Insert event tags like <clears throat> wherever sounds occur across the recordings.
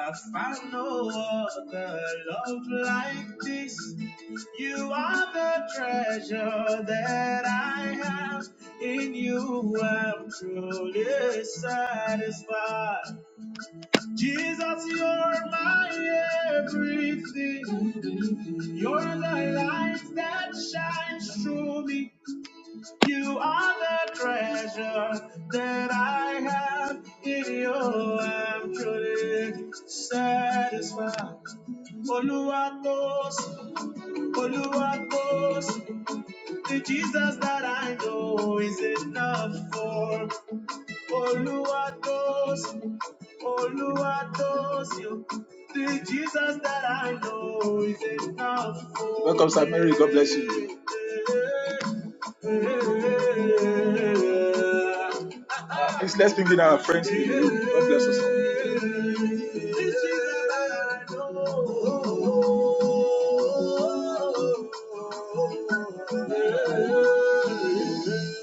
I found no other love like this. You are the treasure that I have. In you I'm truly satisfied. Jesus, you're my everything. You're the light that shines through me. You are the treasure that I have in you. I'm truly satisfied. Oluwatos, Oluwatos, the Jesus that I know is enough for. Oluwatos, the Jesus that I know is enough. room.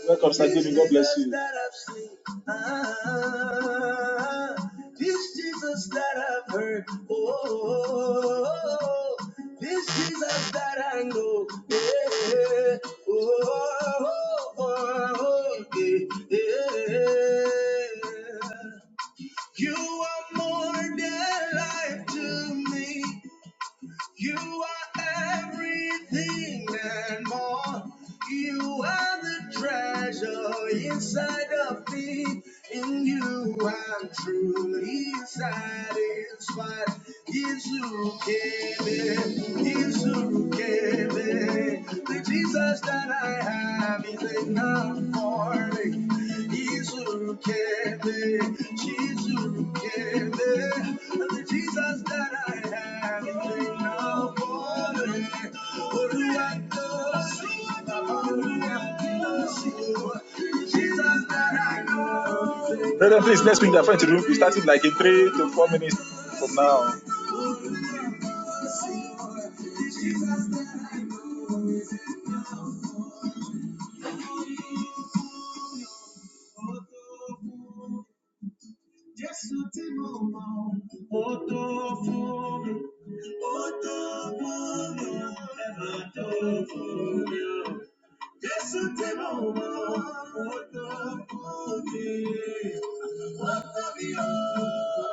Welcome, Sir David. God bless you. This Jesus that I've heard, oh, this Jesus that I know, yeah, oh, oh, oh, yeah. You are more than life to me. You are everything and more. You are the treasure inside of me. In you, I'm truly satisfied. Is who gave it, is who gave it. The Jesus that I have is enough for me. Jesus can be, Jesus can be, the Jesus that I have in now morning. Only I know, see, only I know, see, Jesus that I know. now. Jésù tí mo mọ̀, ó tó fún mi. Ó tó fún mi, ẹ máa tó fún mi. o. Jésù tí mo mọ̀, ó tó fún mi. This is a bad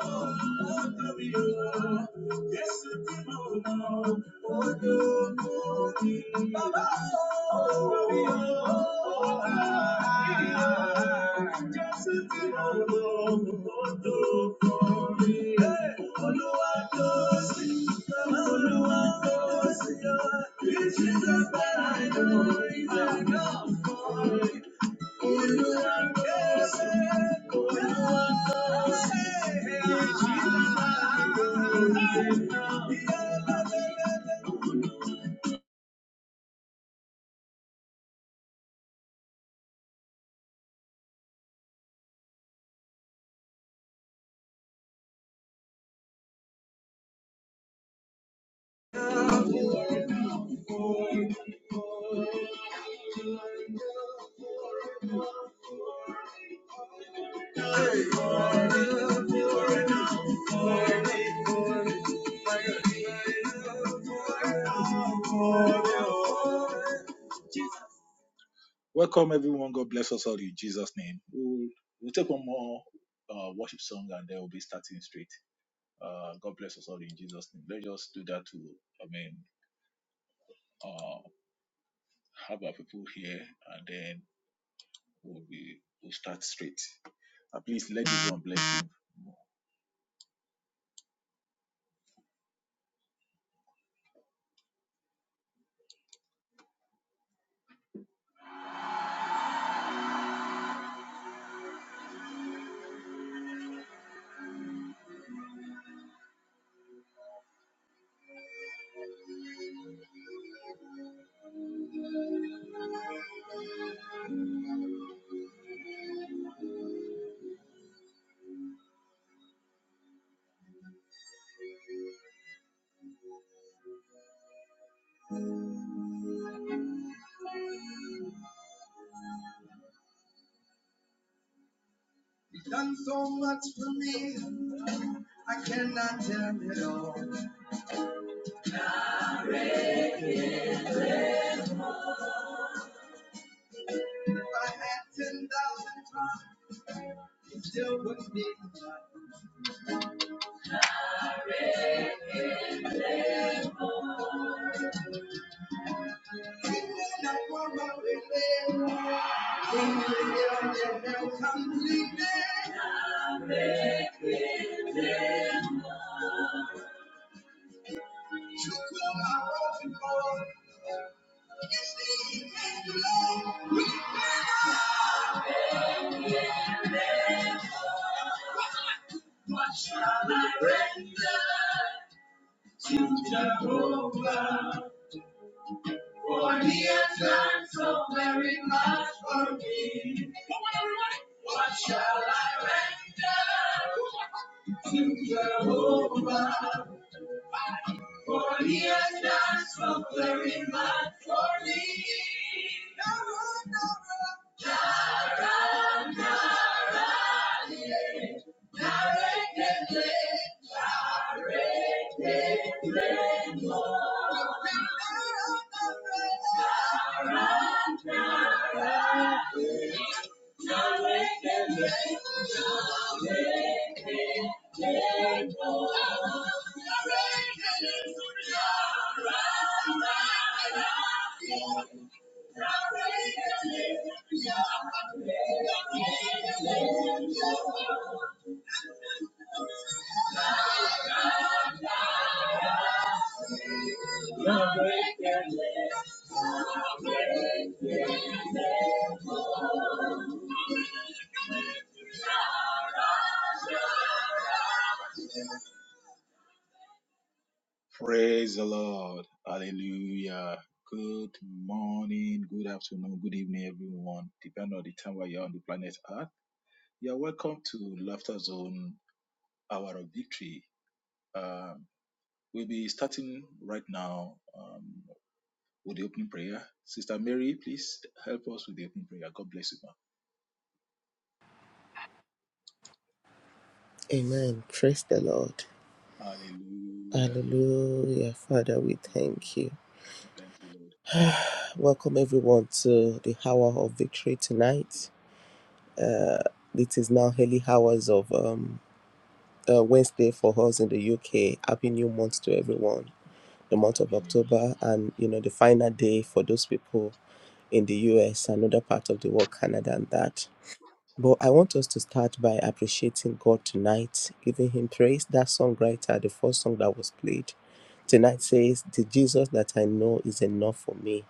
idea. I know. I know. Jesus, you've done so much for me, I cannot tell it all. If I had 10,000 times, it still wouldn't be enough. What shall I render to Jehovah? For he has done so very much for me. What shall I render to Jehovah? For he has done so very much for me. Jehovah, Thank you. Amen. Praise the Lord. Hallelujah. Father, we thank you. <sighs> Welcome everyone to the hour of victory tonight. Uh, it is now early hours of um, uh, Wednesday for us in the UK. Happy new month to everyone. The month of October and you know the final day for those people in the US and other parts of the world, Canada and that. But I want us to start by appreciating God tonight, giving Him praise. That songwriter, the first song that was played Tonight says, The Jesus that I know is enough for me.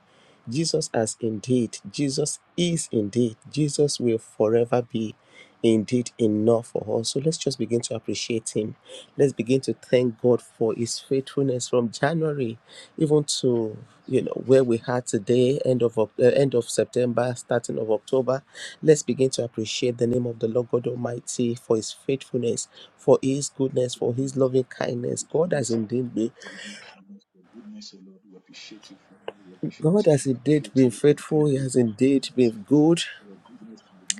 Jesus has indeed, Jesus is indeed, Jesus will forever be indeed enough for us. So let's just begin to appreciate Him. Let's begin to thank God for His faithfulness from January even to you know where we are today, end of Oc- uh, end of September, starting of October. Let's begin to appreciate the name of the Lord God Almighty for His faithfulness, for His goodness, for His loving kindness. God has indeed been God has indeed been faithful. He has indeed been good.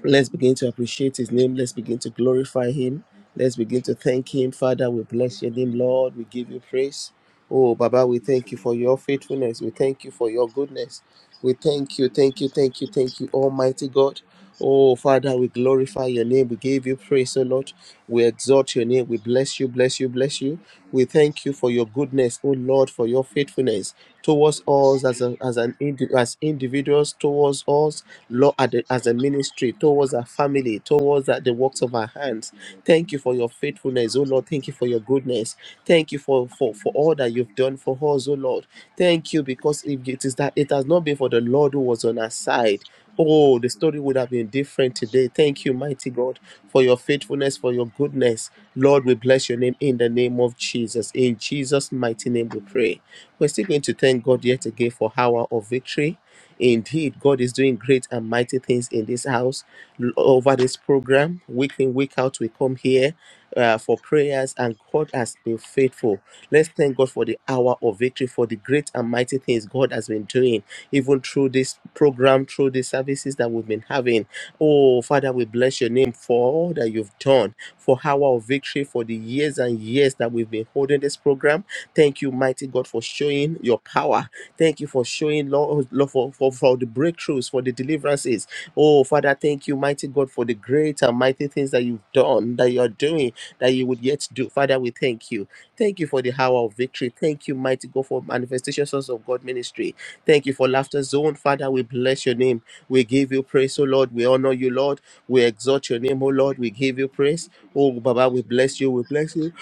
Let's begin to appreciate His name. Let's begin to glorify Him. Let's begin to thank Him. Father, we bless your name, Lord. We give you praise. Oh, Baba, we thank you for your faithfulness. We thank you for your goodness. We thank you, thank you, thank you, thank you, Almighty God. Oh, Father, we glorify your name. We give you praise, O Lord. We exalt your name. We bless you, bless you, bless you. We thank you for your goodness, O Lord, for your faithfulness towards us as, a, as, an indi- as individuals, towards us, Lord, at the- as a ministry, towards our family, towards uh, the works of our hands. Thank you for your faithfulness, O Lord. Thank you for your goodness. Thank you for, for, for all that you've done for us, O Lord. Thank you, because if it is that it has not been for the Lord who was on our side, oh, the story would have been different today. Thank you, mighty God, for your faithfulness, for your goodness. Lord, we bless your name in the name of Jesus. In Jesus' mighty name, we pray. We're still going to thank God yet again for hour of victory. Indeed, God is doing great and mighty things in this house L- over this program. Week in, week out, we come here uh, for prayers, and God has been faithful. Let's thank God for the hour of victory, for the great and mighty things God has been doing, even through this program, through the services that we've been having. Oh, Father, we bless your name for all that you've done, for hour of victory, for the years and years that we've been holding this program. Thank you, mighty God, for showing your power. Thank you for showing, Lord, Lord for, for, for the breakthroughs, for the deliverances. Oh, Father, thank you, mighty God, for the great and mighty things that you've done, that you're doing, that you would yet do. Father, we thank you. Thank you for the hour of victory. Thank you, mighty God, for manifestation, sons of God ministry. Thank you for laughter zone. Father, we bless your name. We give you praise, O Lord. We honor you, Lord. We exalt your name, O Lord. We give you praise. Oh, Baba, we bless you. We bless you.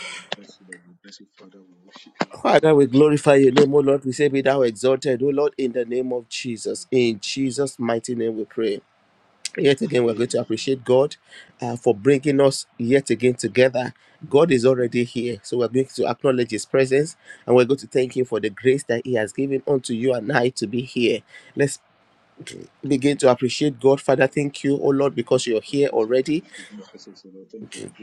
Father, we glorify your name, O Lord. We say, Be thou exalted, O Lord, in the name of Jesus. In Jesus' mighty name we pray. Yet again, we're going to appreciate God uh, for bringing us yet again together. God is already here. So we're going to acknowledge His presence and we're going to thank Him for the grace that He has given unto you and I to be here. Let's begin to appreciate God. Father, thank you, oh Lord, because you're here already.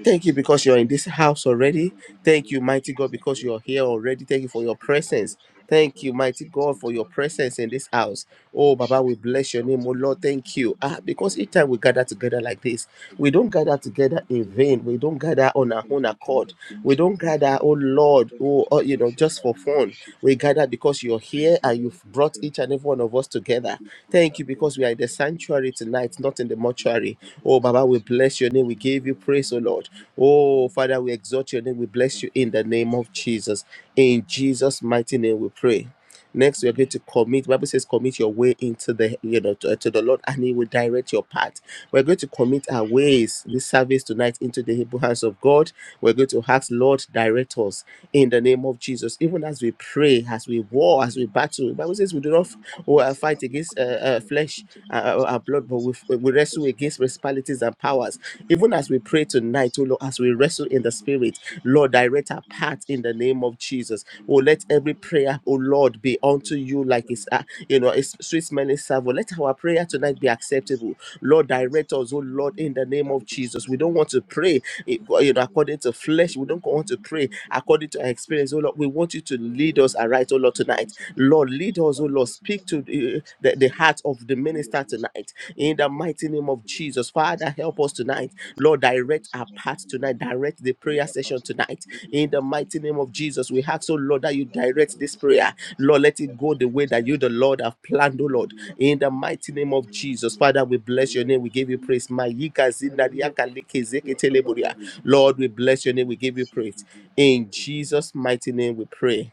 Thank you because you're in this house already. Thank you, mighty God, because you're here already. Thank you for your presence. Thank you, mighty God, for your presence in this house. Oh, Baba, we bless your name. Oh, Lord, thank you. Ah, because each time we gather together like this, we don't gather together in vain. We don't gather on our own accord. We don't gather, oh, Lord, oh, oh, you know, just for fun. We gather because you're here and you've brought each and every one of us together. Thank you because we are in the sanctuary tonight, not in the mortuary. Oh, Baba, we bless your name. We give you praise, oh, Lord. Oh, Father, we exalt your name. We bless you in the name of Jesus. In Jesus' mighty name, we pray. Next, we are going to commit. The Bible says, commit your way into the you know to, uh, to the Lord, and He will direct your path. We're going to commit our ways this service tonight into the able hands of God. We're going to ask, Lord, direct us in the name of Jesus. Even as we pray, as we war, as we battle, the Bible says we do not f- or, uh, fight against uh, uh, flesh and uh, uh, our blood, but we, f- we wrestle against principalities and powers. Even as we pray tonight, oh Lord, as we wrestle in the spirit, Lord, direct our path in the name of Jesus. Oh, let every prayer, oh Lord, be unto you like it's, uh, you know, it's sweet smelling salvo. Let our prayer tonight be acceptable. Lord, direct us, oh Lord, in the name of Jesus. We don't want to pray, eh, you know, according to flesh. We don't want to pray according to our experience, oh Lord. We want you to lead us aright, oh Lord, tonight. Lord, lead us, oh Lord. Speak to the, the, the heart of the minister tonight. In the mighty name of Jesus, Father, help us tonight Lord, direct our path tonight. Direct the prayer session tonight. In the mighty name of Jesus, we ask, oh Lord, that you direct this prayer. Lord, let it go the way that you, the Lord, have planned, oh Lord. In the mighty name of Jesus, Father, we bless your name. We give you praise. Mayika zinariaka lekezeke teleboria. Lord, we bless your name. We give you praise. In Jesus' mighty name, we pray.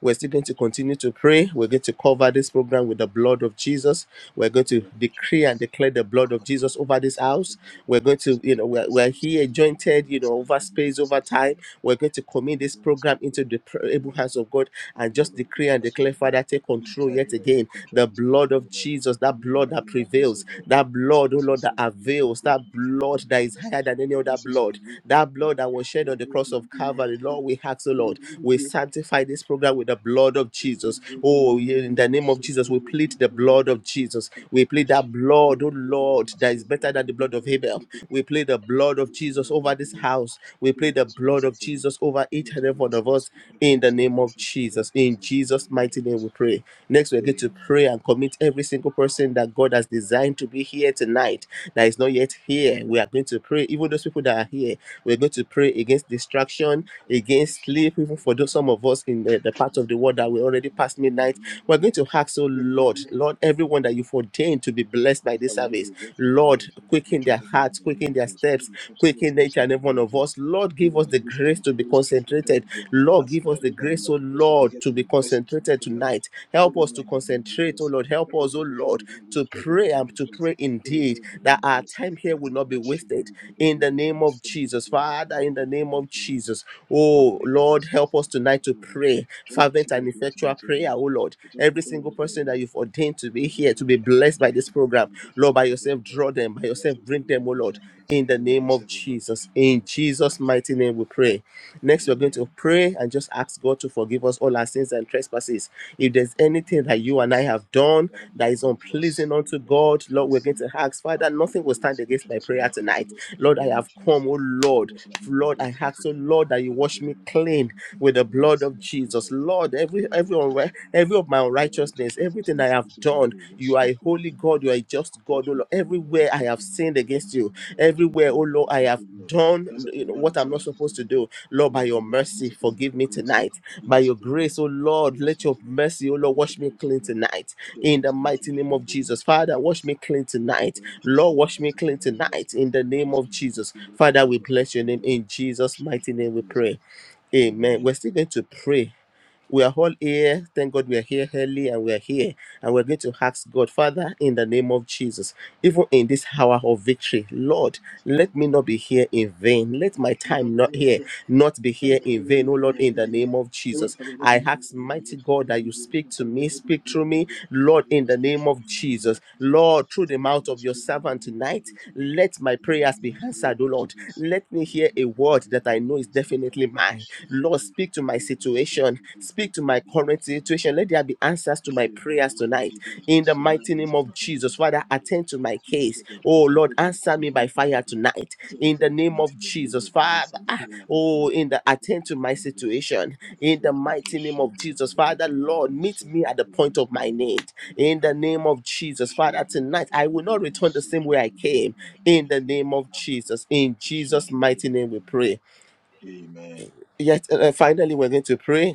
We're still going to continue to pray. We're going to cover this program with the blood of Jesus. We're going to decree and declare the blood of Jesus over this house. We're going to, you know, we're, we're here jointed, you know, over space, over time. We're going to commit this program into the pr- able hands of God and just decree and declare, Father, take control yet again. The blood of Jesus, that blood that prevails, that blood, oh Lord, that avails, that blood that is higher than any other blood, that blood that was shed on the cross of Calvary. Lord, all we ask, O Lord, we sanctify this program with the blood of Jesus. Oh, yeah, in the name of Jesus, we plead the blood of Jesus. We plead that blood, oh Lord, that is better than the blood of Abel. We plead the blood of Jesus over this house. We plead the blood of Jesus over each and every one of us in the name of Jesus. In Jesus' mighty name, we pray. Next, we're going to pray and commit every single person that God has designed to be here tonight that is not yet here. We are going to pray, even those people that are here. We're going to pray against distraction, against sleep, even for those, some of us in the, the part of the world that we already past midnight. We're going to ask, oh Lord, Hallelujah. Lord, everyone that you've ordained to be blessed by Kila this uingizi wa service, urefu ukiingia Lord, katika quicken kutoa their tendo hearts, la meno quicken their zile steps, skuli hatulia quicken steps each in and the every one name of of Jesus. us. Lord, in the give us the Holy grace Spirit, to be Holy Spirit, bring down the concentrated. veil, Lord. Lord, As give us many the that you grace, are oh supposed to be Lord, here to to be be blessed to make concentrated all of that. tonight. Let Help them us know to in the name of concentrate, Jesus. oh Lord. Help That was us, oh the in Lord, the name of to Jesus. them in pray the name and of to Jesus. pray Draw indeed yourself in the name that of our Jesus. time My here will not be wasted in the name of Jesus. Father, in the name of Jesus. Oh, Lord, help us tonight to pray fervent and effectual prayer, oh Lord. Every single person that you've ordained to be here, to be blessed by this program, Lord, by yourself, draw them, by yourself, bring them, oh Lord, in the name of Jesus. In Jesus' mighty name, we pray. Next, we're going to pray and just ask God to forgive us all our sins and trespasses. If there's anything that you and I have done that is unpleasing unto God, Lord, we're going to ask, Father, nothing will stand against my prayer tonight Lord, I have come, oh Lord. Lord, I ask, oh Lord, that you wash me clean with the blood of Jesus. Lord, every every unri- every of my unrighteousness, everything I have done, you are a holy God, you are a just God, oh Lord. Everywhere I have sinned against you, everywhere, oh Lord, I have done you know, what I'm not supposed to do. Lord, by your mercy, forgive me tonight. By your grace, oh Lord, let your mercy, oh Lord, wash me clean tonight. In the mighty name of Jesus. Father, wash me clean tonight Lord, wash me clean tonight in the name of Jesus. Father, we bless your name in Jesus' mighty name. We pray. Amen. We're still going to pray. We are all here. Thank God we are here early and we are here. And we're going to ask God, Father, in the name of Jesus, even in this hour of victory, Lord, let me not be here in vain. Let my time not here not be here in vain, oh Lord, in the name of Jesus. Matabelo I Bibi, ask, mighty God, Steve that you Bibi, speak to me, Matabelo speak Bibi, through me, speak to Lord, me, in Lord, the speak name to of me in the name Jesus. of Jesus. Lord, through the Speak to mouth me, of your stream in the servant name of tonight, Jesus, O Lord. let my In the prayers name be of answered, oh Lord. Jesus. Let me In hear the a word that I name of know is Jesus, definitely Matabelo mine. Bashi, Lord, Bibi, speak to my Bibi, situation, Matabelo speak to my Bibi, current situation. Let there be answers to my prayers tonight. In the mighty name of Jesus, Father, attend to my case. Oh Lord, answer me by fire tonight. Bibi, In the name of Bibi, Jesus, Father. ah, Matabelo. Oh, in the attend to my situation in the mighty name of Jesus. Father, Lord, meet me at the point of my need in the name of Jesus. Father, tonight I will not return the same way I came in the name of Jesus. In Jesus' mighty name, we pray. Yet, uh, uh, finally, we're going to pray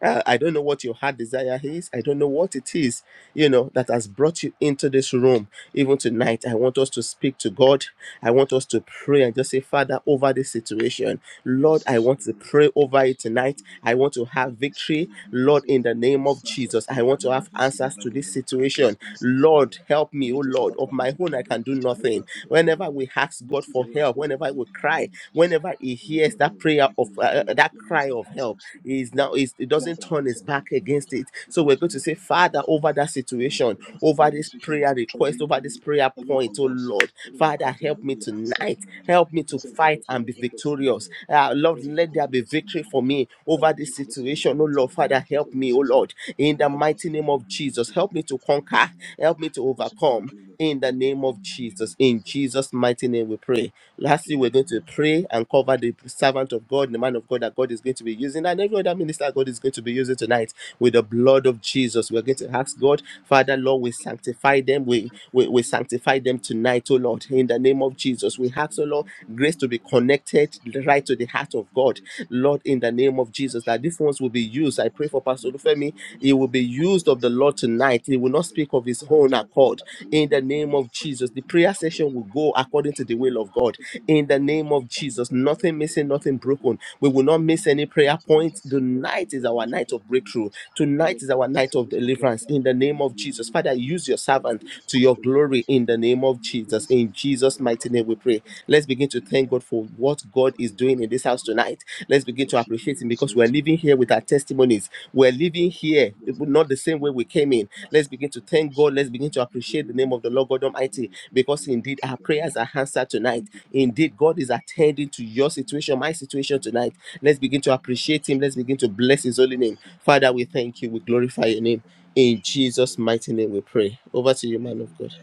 uh, I don't know what your heart desire is. I don't know what it is, you know, that has brought you into this room. Even tonight, I want us to speak to God. I want us to pray and just say, Father, over this situation. the Lord, I session, want to pray over the it session is tonight. over. I want to have Over this, victory. over this, Lord, in over the the name of concerns of Jesus, I it want to and over have this in answers another to name, this Lord. Grant us situation. answers, O Lord, Lord. help me, oh Make us a Lord. part of Of our my meeting own, and I make can do each and every one nothing. aspect of our meeting, Whenever Lord. we ask Make God each for and every help, aspect of our whenever we meeting in the cry, name of Jesus. whenever He Lord, hears Father, that we prayer ask of that you uh, will uh, that give us cry an of help, answer to that, O He's now Lord. he's, he Give us doesn't an turn answer his to back that, O Lord. against it. So Help us we're to going know, to say, Lord. Help Father, us to know. over that O Lord, situation, Over over over this this situation prayer that is request, troubling over any, this prayer any of point, oh us, Lord, any of our Father, heart, O help Lord, me we need answer to tonight. that, Lord. Help me to Answer help fight us, O and Lord. be Help us to know, victorious. Lord. Uh, The Lord, person who let can and there be us and victory tell for them. me That's over the vision this for us right situation. Oh tonight in Lord, the name Father, of Jesus. help All the me, oh Lord, let in the them help us mighty in the name of name of Jesus. Jesus. Father, Help me help to us in the conquer. name of Jesus. Help me to Help us come overcome. to help In the us name overcome of in the name Jesus. of In Jesus. Jesus' mighty name we pray. Lastly, we're going to pray and cover the servant of God, the man of God that God is going to be using, and every other minister God is going to be using tonight with the blood of Jesus. We're Let's going let to that be ask for God, us. Let's Father, let that be Lord, we for us. sanctify them. Let's We, let we, that be we for us. Let's let that be for sanctify them us. tonight, oh Lord, According in to the not name of your body, Jesus. you We suffer ask, oh to Lord, not your grace body, to you be connected suffer in right your to the body, heart of in God, grace. Lord, in My the God, name I of bless Jesus, that you, these you ones will do be the good used. in I pray us, and for good Pastor in grace, you Lufemi. are always He will faith, be I used commit of the myself in Lord the last, tonight. until I do He as will a not Lord. speak of his I own do as a Lord, accord I do in a the Lord, name of Nafasi Jesus. The imefungwa prayer kwa session will kila go kesi ya according to the ushindani will of God in the hospitali name of ilichangia Jesus. katika Nothing watu wote missing, nothing waliopata broken. We will not usikomba miss any ndipo pia prayer tuna point. taswira tu Tonight is kwa our hizo night of kesi breakthrough. hizo all of Tonight is our what is night of supposed to be left deliverance down in the what name is the of Jesus. new Father, time use to your time servant to is to your controlled the glory action in of the name of you will be Jesus. In speaking Jesus' that will mighty not name, speak we on my pray. own Let's begin to thank amen God for what God father is we doing in thank this you house Lord. tonight. Let's we begin to worship appreciate you Him because we're exalt you living we here with our honor testimonies. you We're living Thank you, because here, of your not the same salvation. way we came in Let's Master, begin to because you thank God. showed Let's me begin to the appreciate the very name of the mercy. Lord God Father, Almighty we thank because you. We indeed our Thank you, we prayers know. are answered tonight. Thank you for the very Indeed, God is attending to your situation, my situation tonight. information. Let's begin to appreciate Him. Let's begin to bless His holy name. Father, we thank you. We glorify your name. In Jesus' mighty name we pray. Over to you, man of God.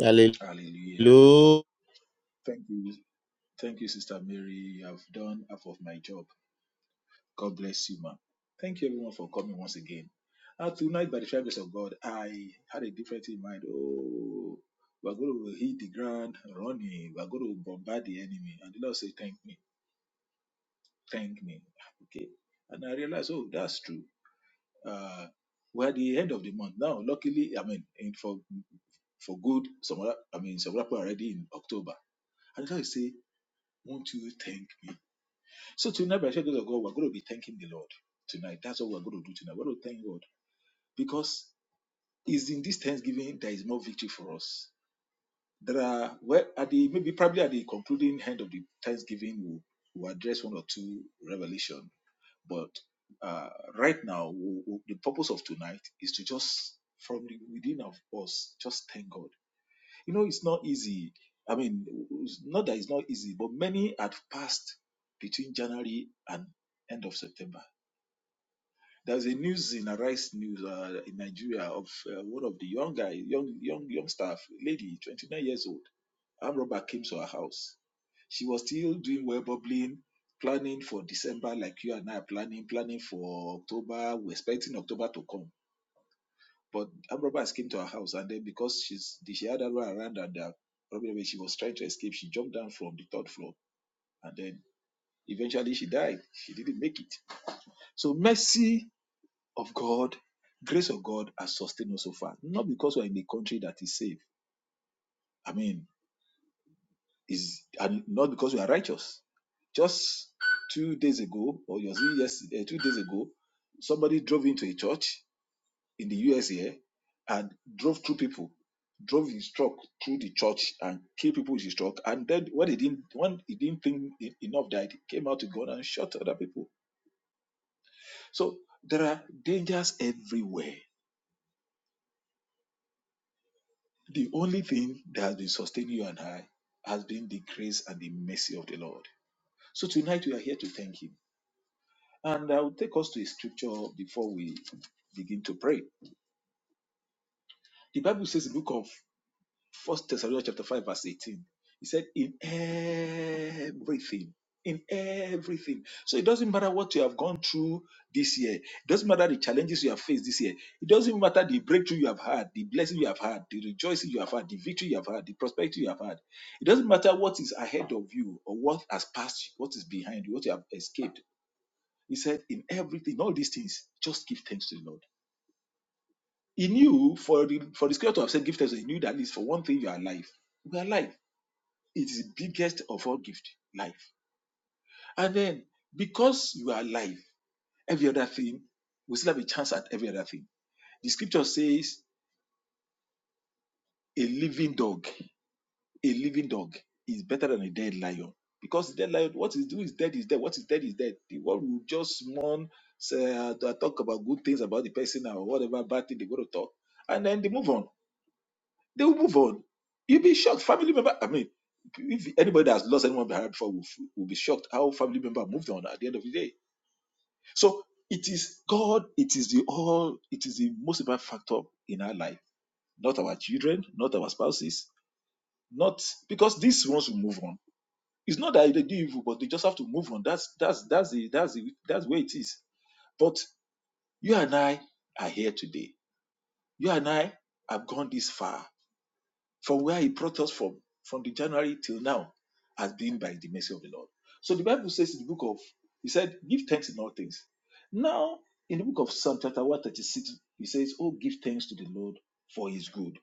Hallelujah. Thank. And I realized, oh, that's true. Uh, we're at the end of the month now. Luckily, I mean, in for for good, some other, I mean, some other people are already in October. And so I say, won't you thank me? So tonight, by the grace of God, we're going to be thanking the Lord tonight. That's what we're going to do tonight. We're going to thank God because It's in this Thanksgiving there is more victory for us. There are well at the maybe probably at the concluding end of the Thanksgiving we'll, we'll address one or two revelation. But uh, right now, we we- the purpose of tonight is to just from the, within of us just thank God. You know, it's not easy. I mean, it's not that it's not easy, but many had passed between January and end of September there's a news in Arise News uh, in Nigeria of uh, one of the young guy, young young young staff lady, 29 years old. Armed robber came to her house. She was still doing well bubbling, planning for December like you and I are planning, planning for October. We're expecting October to come. But armed robbers came to her house and then because she's she had a run around and uh, probably when she was trying to escape, she jumped down from the third floor and then eventually she died. She didn't make it. So mercy of God, grace of God has sustained us so far. Not because we're in a country that is safe. I mean, is and not because we are righteous. Just two days ago, or was it yesterday, eh, two days ago, somebody drove into a church in the US here and drove through people, drove his truck through the church and killed people with his truck. And then when he didn't when he didn't think e- enough died, he came out. eh, I he be free. The Bible of First Thessalonians chapter five verse 18. He said, In everything, in all these things, just give thanks to the Lord. He knew for the for the scripture to have said give thanks, he knew that at least for one thing you are alive. We are alive. It is the biggest of all gift, life. And then because you are alive, every other thing, we still have a chance at every other thing. The scripture says a living dog, a living dog is better than a dead lion. Because the dead lion, what is do is dead is dead. What is dead is dead. The world will just mourn, say, uh, talk about good things about the person or whatever bad thing they go to talk and move on They will move on. be shocked. Family member, I mean, if anybody has lost anyone behind before will, will be shocked how family member moved on at the end of the day. So it is God, it is the all, it is the most important factor in our life, not our children, not our spouses, not because these ones will move on. It's not that they do evil, but they just have to move on. That's that's that's the that's the that's where it is. But you and I are here today. You and I have gone this far From where he brought us from, from the January till now, has been by the mercy of the Lord. So the Bible says in the book of, he said, give thanks in all things. Now, in the book of Psalm chapter 136, he says, Oh, give thanks to the Lord for his good.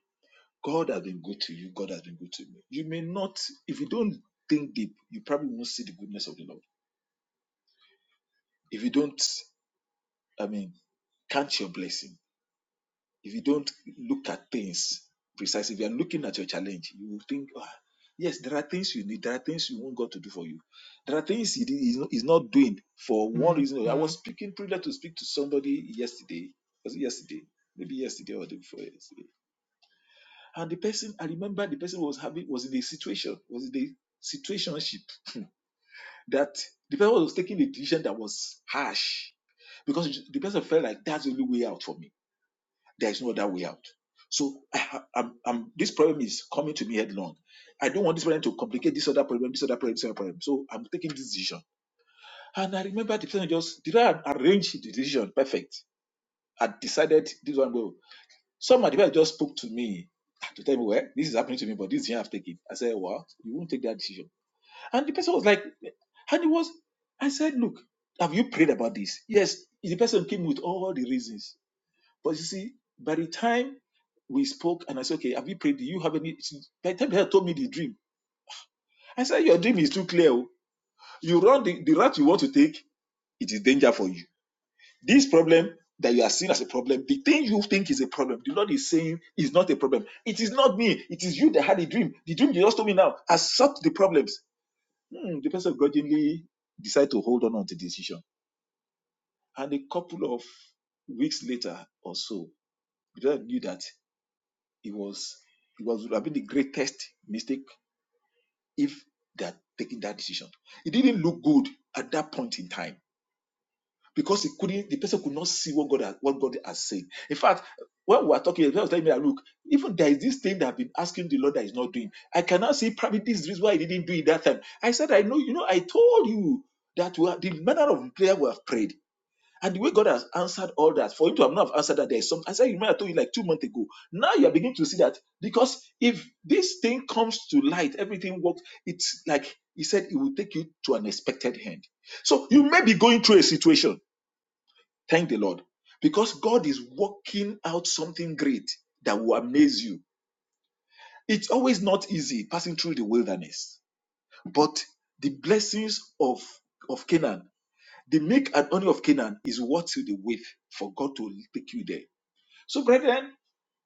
God has been good to you. God has been good to me. You may not, if you don't think deep, you probably won't see the goodness of the Lord. If you don't, I mean, count your blessing if you don't look at things precisely, if you are looking at your challenge, you will think, ah, yes, there are things you need, there are things you want God to do for you. There are things He is not he's not doing for one Mm, reason. or the- I mm, was speaking privileged to speak to somebody yesterday, was it yesterday? Maybe yesterday or the day before yesterday. And the person, I remember the person was having was in a situation, was in a situationship that the person was taking a decision that was harsh because the person felt like that's the only way out for me there is no other way out. So I ha- I'm, I'm, this problem is coming to me headlong. I don't want this problem to complicate this other problem, this other problem, this other problem. So I'm taking this decision. And I remember the person just did I arrange the decision perfect. I decided this one go. Some of the people just spoke to me to tell me, well, this is happening to me, but this decision I've taken. I said, well, you won't take that decision. And the person was like, and it was, I said, look, have you prayed about this? Yes. The person came with all the reasons. But you see, by the time we spoke and I said, okay, have you prayed? Do you have any? She- By the time they had told me the dream, I said, your dream is too clear. oh. You run the, the route you want to take, it is danger for you. This problem that you are seeing as a problem, the thing you think is a problem, the Lord is saying is not a problem. It is not me. It is you that had the dream. The dream you just told me now, accept the problems. Hmm, the person grudgingly decided to hold on to the decision. And a couple of weeks later or so, the brother knew that. It was it was would have been the greatest mistake if they had taken that decision. It didn't look good at that point in time because it couldn't the person could not see what God had, what God has said. In fact, when we were talking, the was telling me, that, look, even there is this thing that I've been asking the Lord that He's not doing. I cannot see probably this is the reason why He didn't do it that time. I said, I know, you know, I told you that we are, the manner of prayer we have prayed. And the way God has answered all that, for him to have not answered that, there is something. I said, remember I told you like two months ago. Now you are beginning to see that because if this thing comes to light, everything works, it's like he said, it will take you to an expected end. So you may be going through a situation. Thank the Lord. Because God is working out something great that will amaze you. It's always not easy passing through the wilderness, but the blessings of, of Canaan, the milk and honey of Canaan is what you the wait for God to take you there. So, brethren,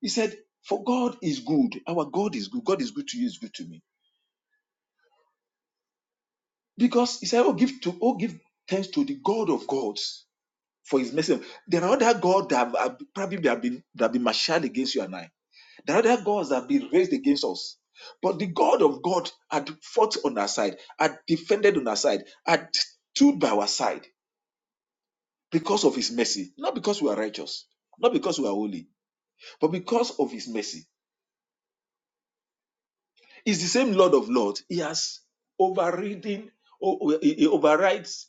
he said, For God is good. Our God is good. God is good to you, is good to me. Because he said, Oh, give to oh, give thanks to the God of gods for his mercy. There are other gods that have, have- probably that have been that have been marshaled against you and I. There are other gods that have been raised against us. But the God of God had fought on our side, had defended on our side, had stood by our side because of his mercy, not because we are righteous, not because we are holy, but because of his mercy. It's the same Lord of Lords. He has overridden, o- he overrides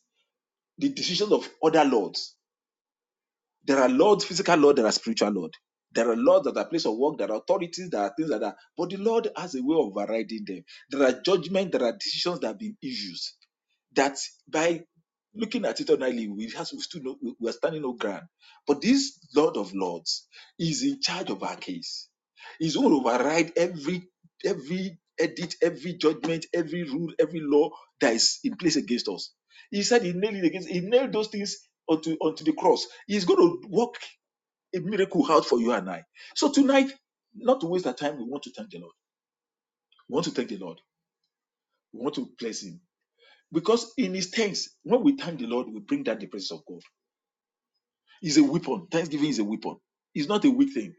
the decisions of other lords. There are lords, physical lord, there are spiritual lord. There are lords that are place of work, there are authorities, there are things like that. But the Lord has a way of overriding them. There are judgments, there are decisions that have been issued that by looking at it ordinarily, we have we still no, we we are standing no ground. But this Lord of Lords is in charge of our case. He's going to override every every edit, every judgment, every rule, every law that is in place against us. He said he nailed it against. He nailed those things onto onto the cross. He's going to work a miracle out for you and I. So tonight, not to waste our time, we want to thank the Lord. We want to thank the Lord. We want to bless Him because in his thanks, when we thank the Lord, we bring down the presence of God. It's a weapon. Thanksgiving is a weapon. It's not a weak thing.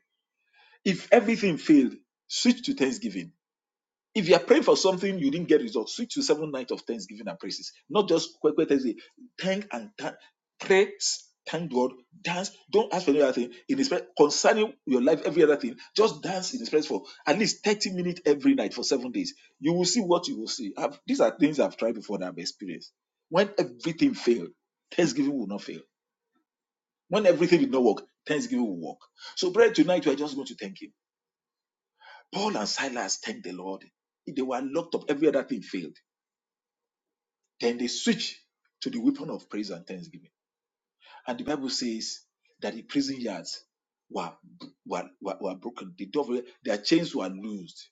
If everything failed, switch to thanksgiving if you are praying for something you didn't get results, switch to seven nights of thanksgiving and praises. Not just quick, quick Thursday. Thank and thank, pray, thank God, dance. Don't ask for any other thing in His presence. Concerning your life, every other thing, just dance in His presence for at least thirty minutes every night for seven days. You will see what you will see. I've, these are things I've tried before that I've experienced. When everything failed, thanksgiving will not fail. When everything did not work, thanksgiving will work. So, brother, tonight we are just going to thank Him. Paul and Silas thanked the Lord. They were locked up. Every other thing failed Then they switch to the weapon of praise and thanksgiving. And the Bible says that the prison yards were, were, were, were broken. The door, of- their chains were loosed.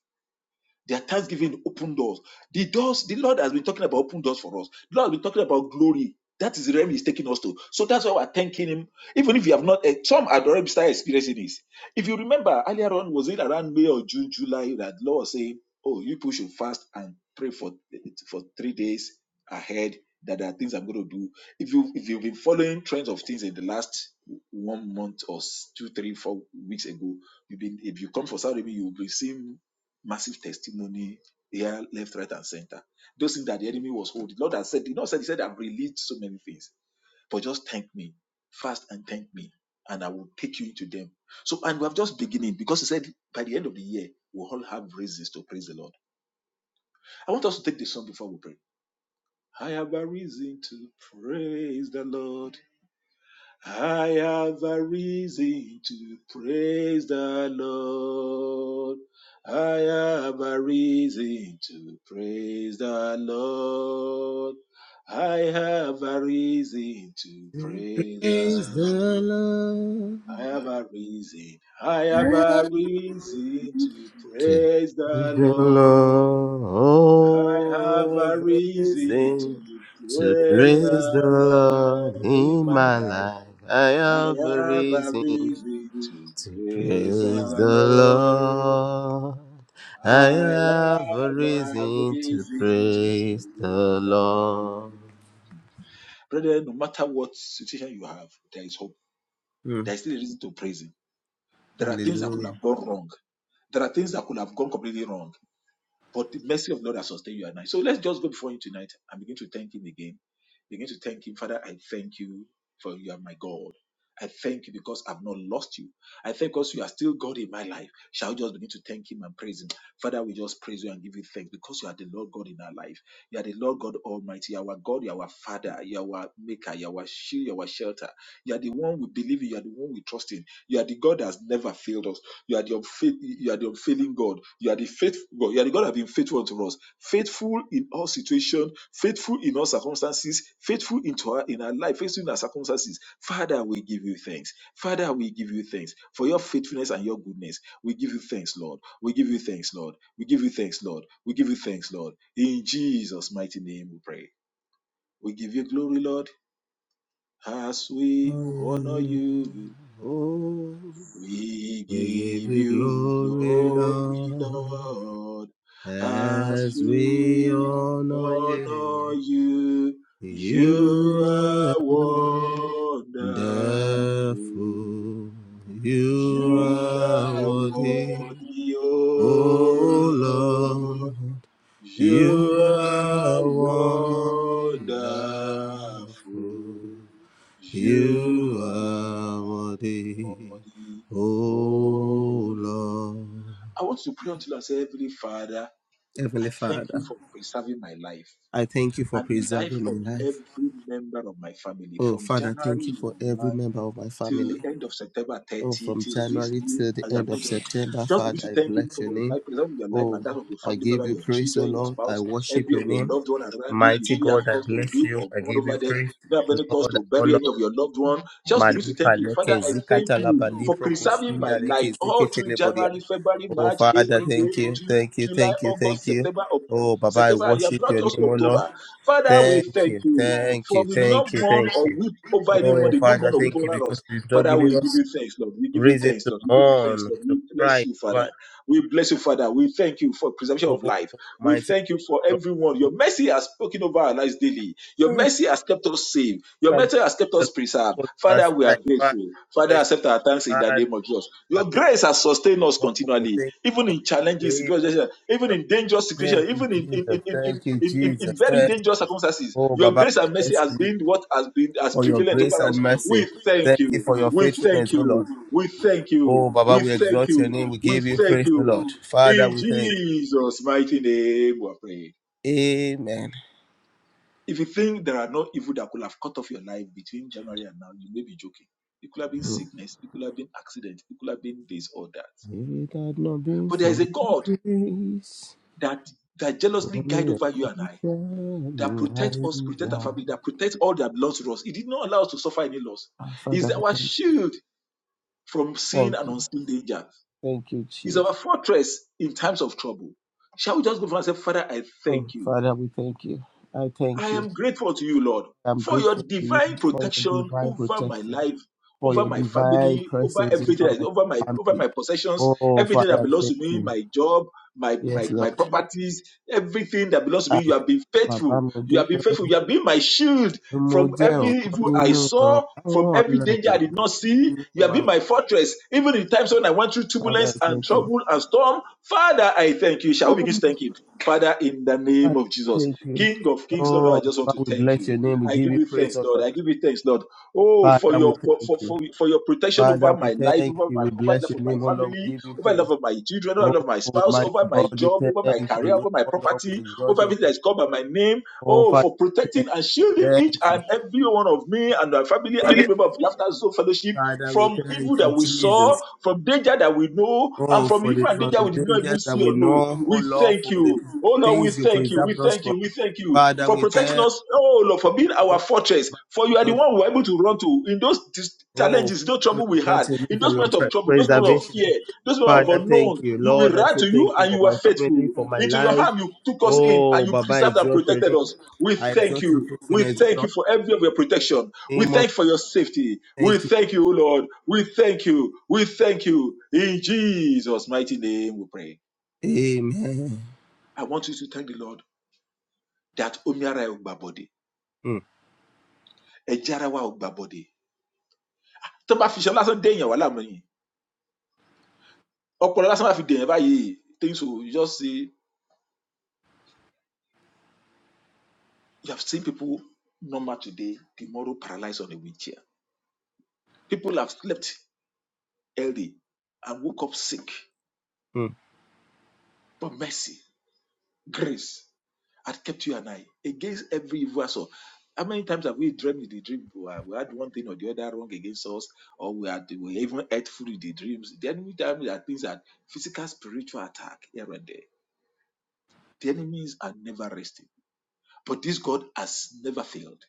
Their thanksgiving open doors. The doors, the Lord has been talking about open doors for us. The Lord has been talking about glory. That is the realm He's taking us to. So that's why we're thanking Him. Even if you have not, eh, some had already started experiencing this. If you remember earlier on, was it around May or June, July that Lord was saying, "Oh, you people should fast and pray for for three days ahead." That there are things I'm going to do. If you if you've been following trends of things in the last one month or two, three, four weeks ago, you've been if you come for Saudi, you've been seeing massive testimony here, left, right, and center. Those instead have released so things for just me and thank me and I'm them. So, and we have just beginning. to say, by the year, we we'll all have reasons to praise the Lord. I want to pray. Lord, have a reason to praise the Lord. Have a reason to praise the Lord. I have a reason to praise the Praise Lord. the I Lord. have a reason. I have a reason to The praise the Lord. I have a love is reason in to to praise praise the the Lord Lord in in my my life. life. I I have a have a reason to reason to praise the praise the Lord. Lord. I I have a have a reason to reason to praise praise the the Lord. Lord. Brethren, no matter what situation you have, there is hope. Hmm. There is still a reason to praise Him. There are things that could Hallelujah. have gone wrong There are things that could have gone completely wrong, but the mercy of Lord has sustained you at night. So let's just go before Him tonight and begin to thank Him again. Begin to thank Him, Father. I thank you for you are my God. I thank you because I've not lost you. I thank because you are still God in my life. Shall we just begin to thank Him and praise Him? Father, we just praise you and give you thanks because you are the Lord God in our life. You are the Lord God Almighty, You are our God, You are our Father, You are our Maker, You are our shield, You are our shelter. You are the one we believe in, You are the one we trust in. You are the God that has never failed us. You are the unfaith, you are the unfailing God. You are the faithful God. You are the God that has been faithful unto us. Faithful in all situations, faithful in all circumstances, faithful into our in our life, faithful in our circumstances. Father, we give you thanks. Father, we give you thanks for your faithfulness and your goodness. We give you thanks, Lord. We give you thanks, Lord. We give you thanks, Lord. We give you thanks, Lord. In Jesus' mighty name we pray. We give you glory, Lord, as we honor you. Oh, We we give give you you glory, glory, Lord. Lord, as As we we honor you, honor you. You are you are wonderful. wonderful. You You are are worthy, worthy, O oh Lord. Lord. You You are are wonderful. wonderful. You You are are worthy, worthy, oh O Lord. Lord. I want every Heavenly I thank you Father, for preserving my life I thank you for and the life preserving my of life. every member of my family Oh, from Father, thank January you for every 1 member of my till family. end of September 30 Oh, from till this January new till the as I end of bring to them. September, Just begin Father, to I thank him bless for your your name. life, preserving your life and Oh, that of your I family member, give you your praise, oh children, your Lord. I spouse, worship every of your your name. loved one around you. You Mighty didn't have God, I cause to bless weep you. or I mourn give you over them. praise. You don't have any cause Lord, to I bury honor any of your loved one. Just begin to Malipa thank him. Father, Leke I thank Zikata you Laba for Lipro preserving my Kushinda life Leke all Zikete through Lebodia. January, February, Oh, March, Father, April, thank May, you, June, thank you, July, thank you, August, thank you. September, Oh, Baba, I September, you have worship brought your us to name, oh Lord. October. Father, we Thank thank you, you. thank For you, we do not thank you, mourn thank or you. weep over anyone, Oh, they do not Father, mourn or weep thank you over us. because you've not Father, given we give us you thanks, Lord. We give you reason thanks, to Lord. We give you thanks, mourn, Lord. to We bless cry you, Father. over We bless you, Father. We thank you for preservation of oh life. We mighty thank you for Lord. everyone. Your mercy has spoken over our lives daily. Your mercy has has kept us safe. Your That mercy has kept us The preserved. Lord was on our Father, we are side. Father, grateful. Father, bless accept our thanks you, in the Father. name of Jesus. I Your thank grace has sustained us you. Oh, continually, thank you even for in your challenging grace. situations, even in dangerous and your- Thank situations, you, even in, in, Jesus. in, in, in, Thank you, in, in in Jesus. very Thank you. dangerous circumstances. Oh, Your Baba, grace we and mercy bless has you been what has been as for your prevalent grace over and us. mercy. We thank Thank you you. for your We thank faithfulness, oh Lord. you. We thank Oh, you. Baba, We we thank exalt your you. name. We We give you thank praise, oh you. Lord. Father, In we thank Jesus' mighty name, we pray. you. Amen. If you think there are no evil that could have cut off your life between January and now, you may be joking. It could have been If sickness, it could have been accident, it could have been this or that. it had not been But there is for a your God grace. that that jealously guide Glory and over you and I, that creation, protects us, right protects our family, that protects all that belongs to us. He did not allow us to suffer any loss. Ah, Father, He's we our thank you. shield from sin Thank and you. unseen danger. Thank you, He's Jesus. our fortress in times of trouble. Shall we just go for and say, Father, I Oh, thank you. Father, we thank you. I I thank you. am grateful to you, Lord, I'm for your grateful to you divine for your protection divine over my protection, life, for over your my divine family, over presence in everything, I- my over my over family. my possessions, Oh, everything Father, that I belongs to thank me, you. my job, my Yes, my, my Lord. properties, everything that belongs to me. Ah, You have been Bàbá faithful. mo You have been dúpẹ́ faithful. You have been my shield mo from jẹ́ every ọ̀kan evil I nínú saw, from àwọn every danger ọ̀làyé I did not see. nínú You have my been my fortress, even in times when I went through Father, turbulence I and thank you. trouble and storm. Father, I thank you. Shall we begin to thank him? Father, in the I name of name of Jesus. thank you. King of kings, Lord, Oh, I just want to Baba, we thank bless you. your name. We I give give you you praise, thanks, O Lord. Lord. I give you thanks, Lord. Oh, for Father, we your for, thank for, you. for, for your protection Father, over we my life, thank over you. my We over the bless life your of my name, O Lord. family, We give you over the life praise. of my children, over the Oh, life of my spouse, mighty over my God, we job, over my thank your career, name, over my O Lord. We property, exalt over your everything that faith. is called by my name. Oh, Oh, Father, for protecting thank you. and shielding each Thank and every one of me and my family and you. every member of Laughter Zone Fellowship Father, we from thank evil you, that we saw, Jesus. from danger that we know, and Oh, from for the, evil and for danger we did the not dangers even that see we or know. know, oh We Lord, thank you for the you. Oh Lord, we things you thank you. We preserved us thank from. you. We thank you Father, for we protecting thank us. Oh Lord, for being our you. fortress. For you are the one we are able to run to in those dis- Oh, challenges, those Father, we trouble we had, exalt your name in those for your moments of pre- trouble, those moments of preservation. fear, those moments of Father, thank unknown. you. You will Lord, I run say to you thank you and for you are my family, faithful. for my Into your life. hand you took us in and Oh, you Baba, preserved and exalt your protected name. us. We I thank exalt your you. We faithfulness in thank all you for every of your protection. the We name of thank you for your safety. We thank you. thank you, O Lord. We thank you. We thank you. In Jesus' mighty name we pray. Amen. I want you to thank the Lord that omi ara ẹ ò gbà bọ̀dẹ̀ Mm, ẹ̀jẹ̀ ara wa ò gbà bọ̀dẹ̀ tó bá fi iṣan lásán dé èèyàn wà láàmú yìí ọpọlọ lásán bá fi dé báyìí things will just see you have seen people normal today tomorrow paralyzed on a wheelchair people have slept early and woke up sick mm, but mercy grace had kept you and I against every evil assault how many times have we dreamed in the dream we had we had one thing or the other wrong against us or we had we even ate food in the dreams the enemy time that things are physical spiritual attack here and there The enemies are never resting. But this God has never failed.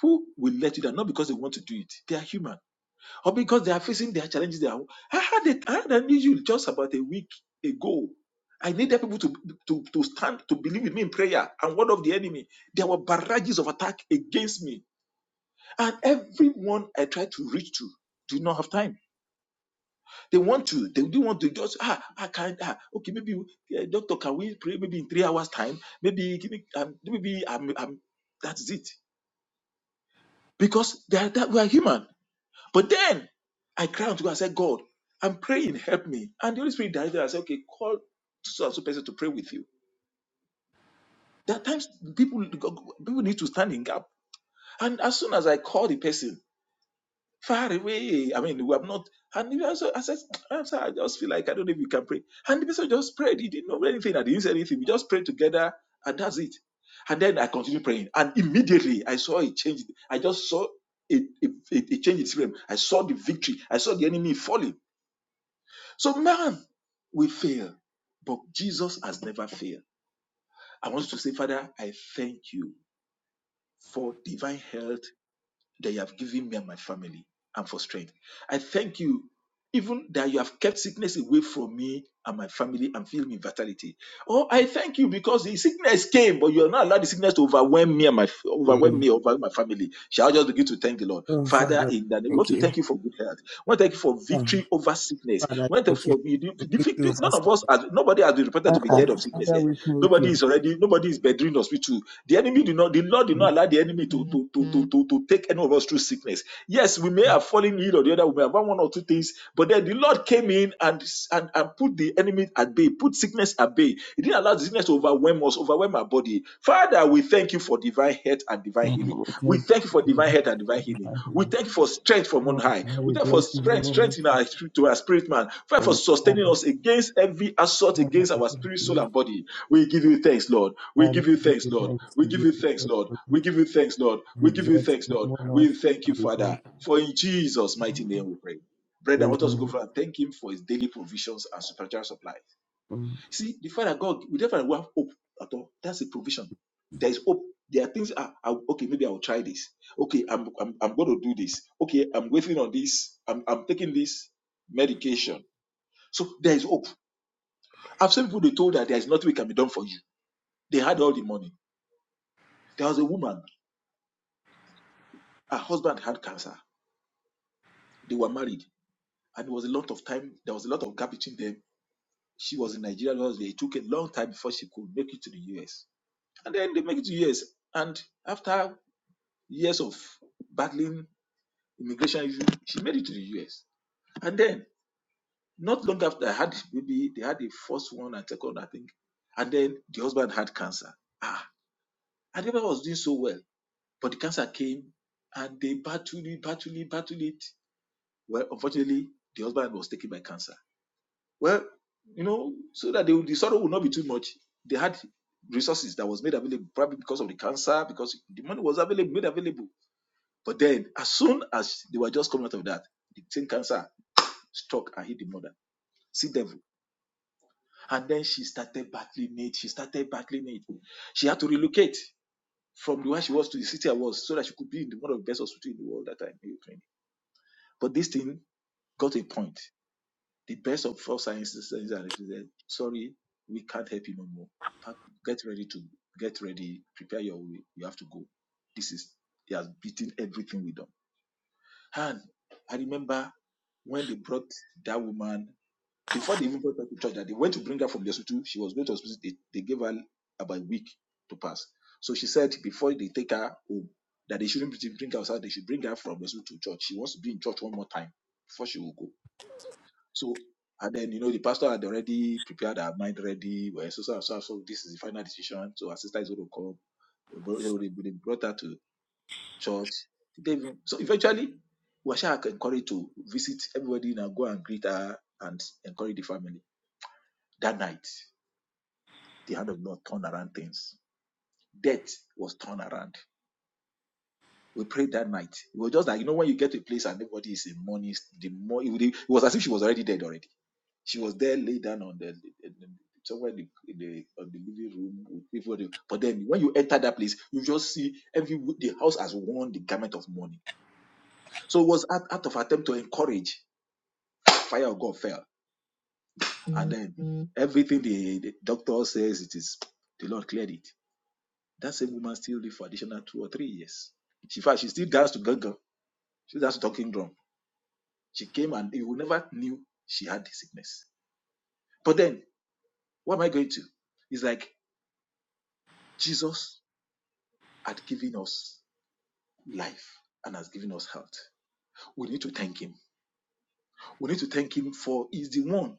Who will let you down? Not because they want to do it. They are human. Or because they are facing their challenges. They are, I had, it, I had an issue just about a week ago. I needed people to, to, to stand, to believe in me in prayer and word of the enemy. There were barrages of attack against me. And everyone I tried to reach to did not have time. They want to, they do want to just, ah, I can't, ah, okay, maybe, eh, doctor, can we pray maybe in three hours' time? Maybe, give me, um, maybe I'm, I'm, that's it. Because they are, that we are human. But then I cried unto God, I said, God, I'm praying, help me. And the Holy Spirit directed, I said, okay, call so and so person to pray with you. There are times people people need to stand in gap. And as soon as I called the person, far away. I mean, we have not. And he also, I said, <tsk> I'm sorry, I just feel like I don't know if you can pray. And the person just prayed. He didn't know anything. I didn't say anything. We just prayed together, and that's it. And then I continued praying. And immediately I saw a change. I just saw a, a, a a change in spirit. I saw the victory. I saw the enemy falling. So, man, we fail. But Jesus has never failed. I want to say, Father, I thank you for divine health that you have given me and my family and for strength. I thank you even that you have kept sickness away from me and my family and filled me with vitality. Oh, I thank you because the sickness came, but you are not allowed the sickness to overwhelm me and my overwhelm mm. me over my family. Shall I just begin to thank the Lord, Oh, Father? Father, In that, we want thank to you. thank you for good health. We want to thank you for Oh, victory over sickness. Father, We want to thank you. for the, The the victory victory. over None of sin. us, has, nobody has been reported Uh, to be uh, dead of sickness Father, here. we thank Nobody you. is already. Nobody is bedridden in hospital. The enemy did not. The Lord did Oh, not allow the enemy to to to to to, to take any of us through sickness. Yes, we may have fallen ill or the other. We may have had one or two things things. But then the Lord came in and, and, and put the enemy at bay, put sickness at bay. He didn't allow the sickness to overwhelm us, overwhelm our body. Father, we thank you for divine health and divine Father, healing. we thank We you. thank you for Thank divine you. health and divine healing. Thank We you. thank you for strength from on Oh, high. Father, We we thank you for bless you in the strength, strength moment in our to our spirit man. Thank for for my life. sustaining us against every assault Father, against we our thank spirit, soul, you. and body. We give you thanks, Lord. We Father, give you we give thanks, you Lord. thanks. We We give give you you thanks, praise Lord. for We it. give you thanks, Lord. We We give you exalt thanks, you in Lord. Lord. We thank Father, you, we Father. thank For in Jesus' mighty you. name we pray. Brethren, I want us to go Amen. for, and thank Him for His daily provisions and supernatural supplies. Mm. See, the Father God, we never have hope at all. That's a provision. There is hope. There are things. Ah, ah, okay, maybe I will try this. Okay, I'm, I'm I'm going to do this. Okay, I'm waiting on this. I'm I'm taking this medication. So there is hope. I've seen people they told that there is nothing we can be done for you. They had all the money. There was a woman. Her husband had cancer. They were married, and there was a lot of time. There was a lot of gap between them. She was in Nigeria. It took a long time before she could make it to the US And then they make it to years. And after years of battling immigration issues, she made it to the US. And then not long after I had maybe they had the first one and second, I think. And then the husband had cancer. Ah, and everyone was doing so well. But the cancer came and they battled it, battled it, battled it. Well, unfortunately, the husband was taken by cancer. Well, you know, so that they, the sorrow would not be too much. They had resources that was made available probably because of the cancer, because the money was available, made available But then, as soon as they were just coming out of that, the same cancer struck and hit the mother. See devil. And then she started battling it. She started battling it. She had to relocate from the where she was to the city I was so that she could be in the one of the best hospitals in the world at that time in Ukraine. But this thing got a point. The best of all sciences said, sorry, we can't help you no more. Get ready to get ready, prepare your way. You have to go. This is he has beaten everything we done And I remember when they brought that woman, before they even brought her to church, that they went to bring her from the hospital. She was going to hospital. They, they gave her about a week to pass. So she said before they take her home, that they shouldn't bring her outside. They should bring her from the hospital to church. She wants to be in church one more time before she will go. So, and then, you know, the pastor had already prepared her mind ready. Well, so, so, so, so this is the final decision. So her sister is going to come. They brought they brought her to church. Did they So eventually, we were encouraged to visit everybody and go and greet her and encourage the family. That night, the hand of the Lord turned around things. Death was turned around. We prayed that night. It was just like, you know, when you get to a place and everybody is in mourning, the more it, was as if she was already dead already. She was there, laid down on the, the- the- somewhere in the, in the on the living room with people. But then when you enter that place, you just see every the house has worn the garment of mourning. So it was an act of attempt to encourage. fire of God fell. And then Mhm. everything the, the doctor says it is the Lord cleared it. That same woman still lived for additional two or three years. She in fact she still danced to Gaga. She danced to talking drum. She came and you never knew she had the sickness. But then what am I going to? It's like Jesus had given us life and has given us health. We need to thank him. We need to thank him for he's the one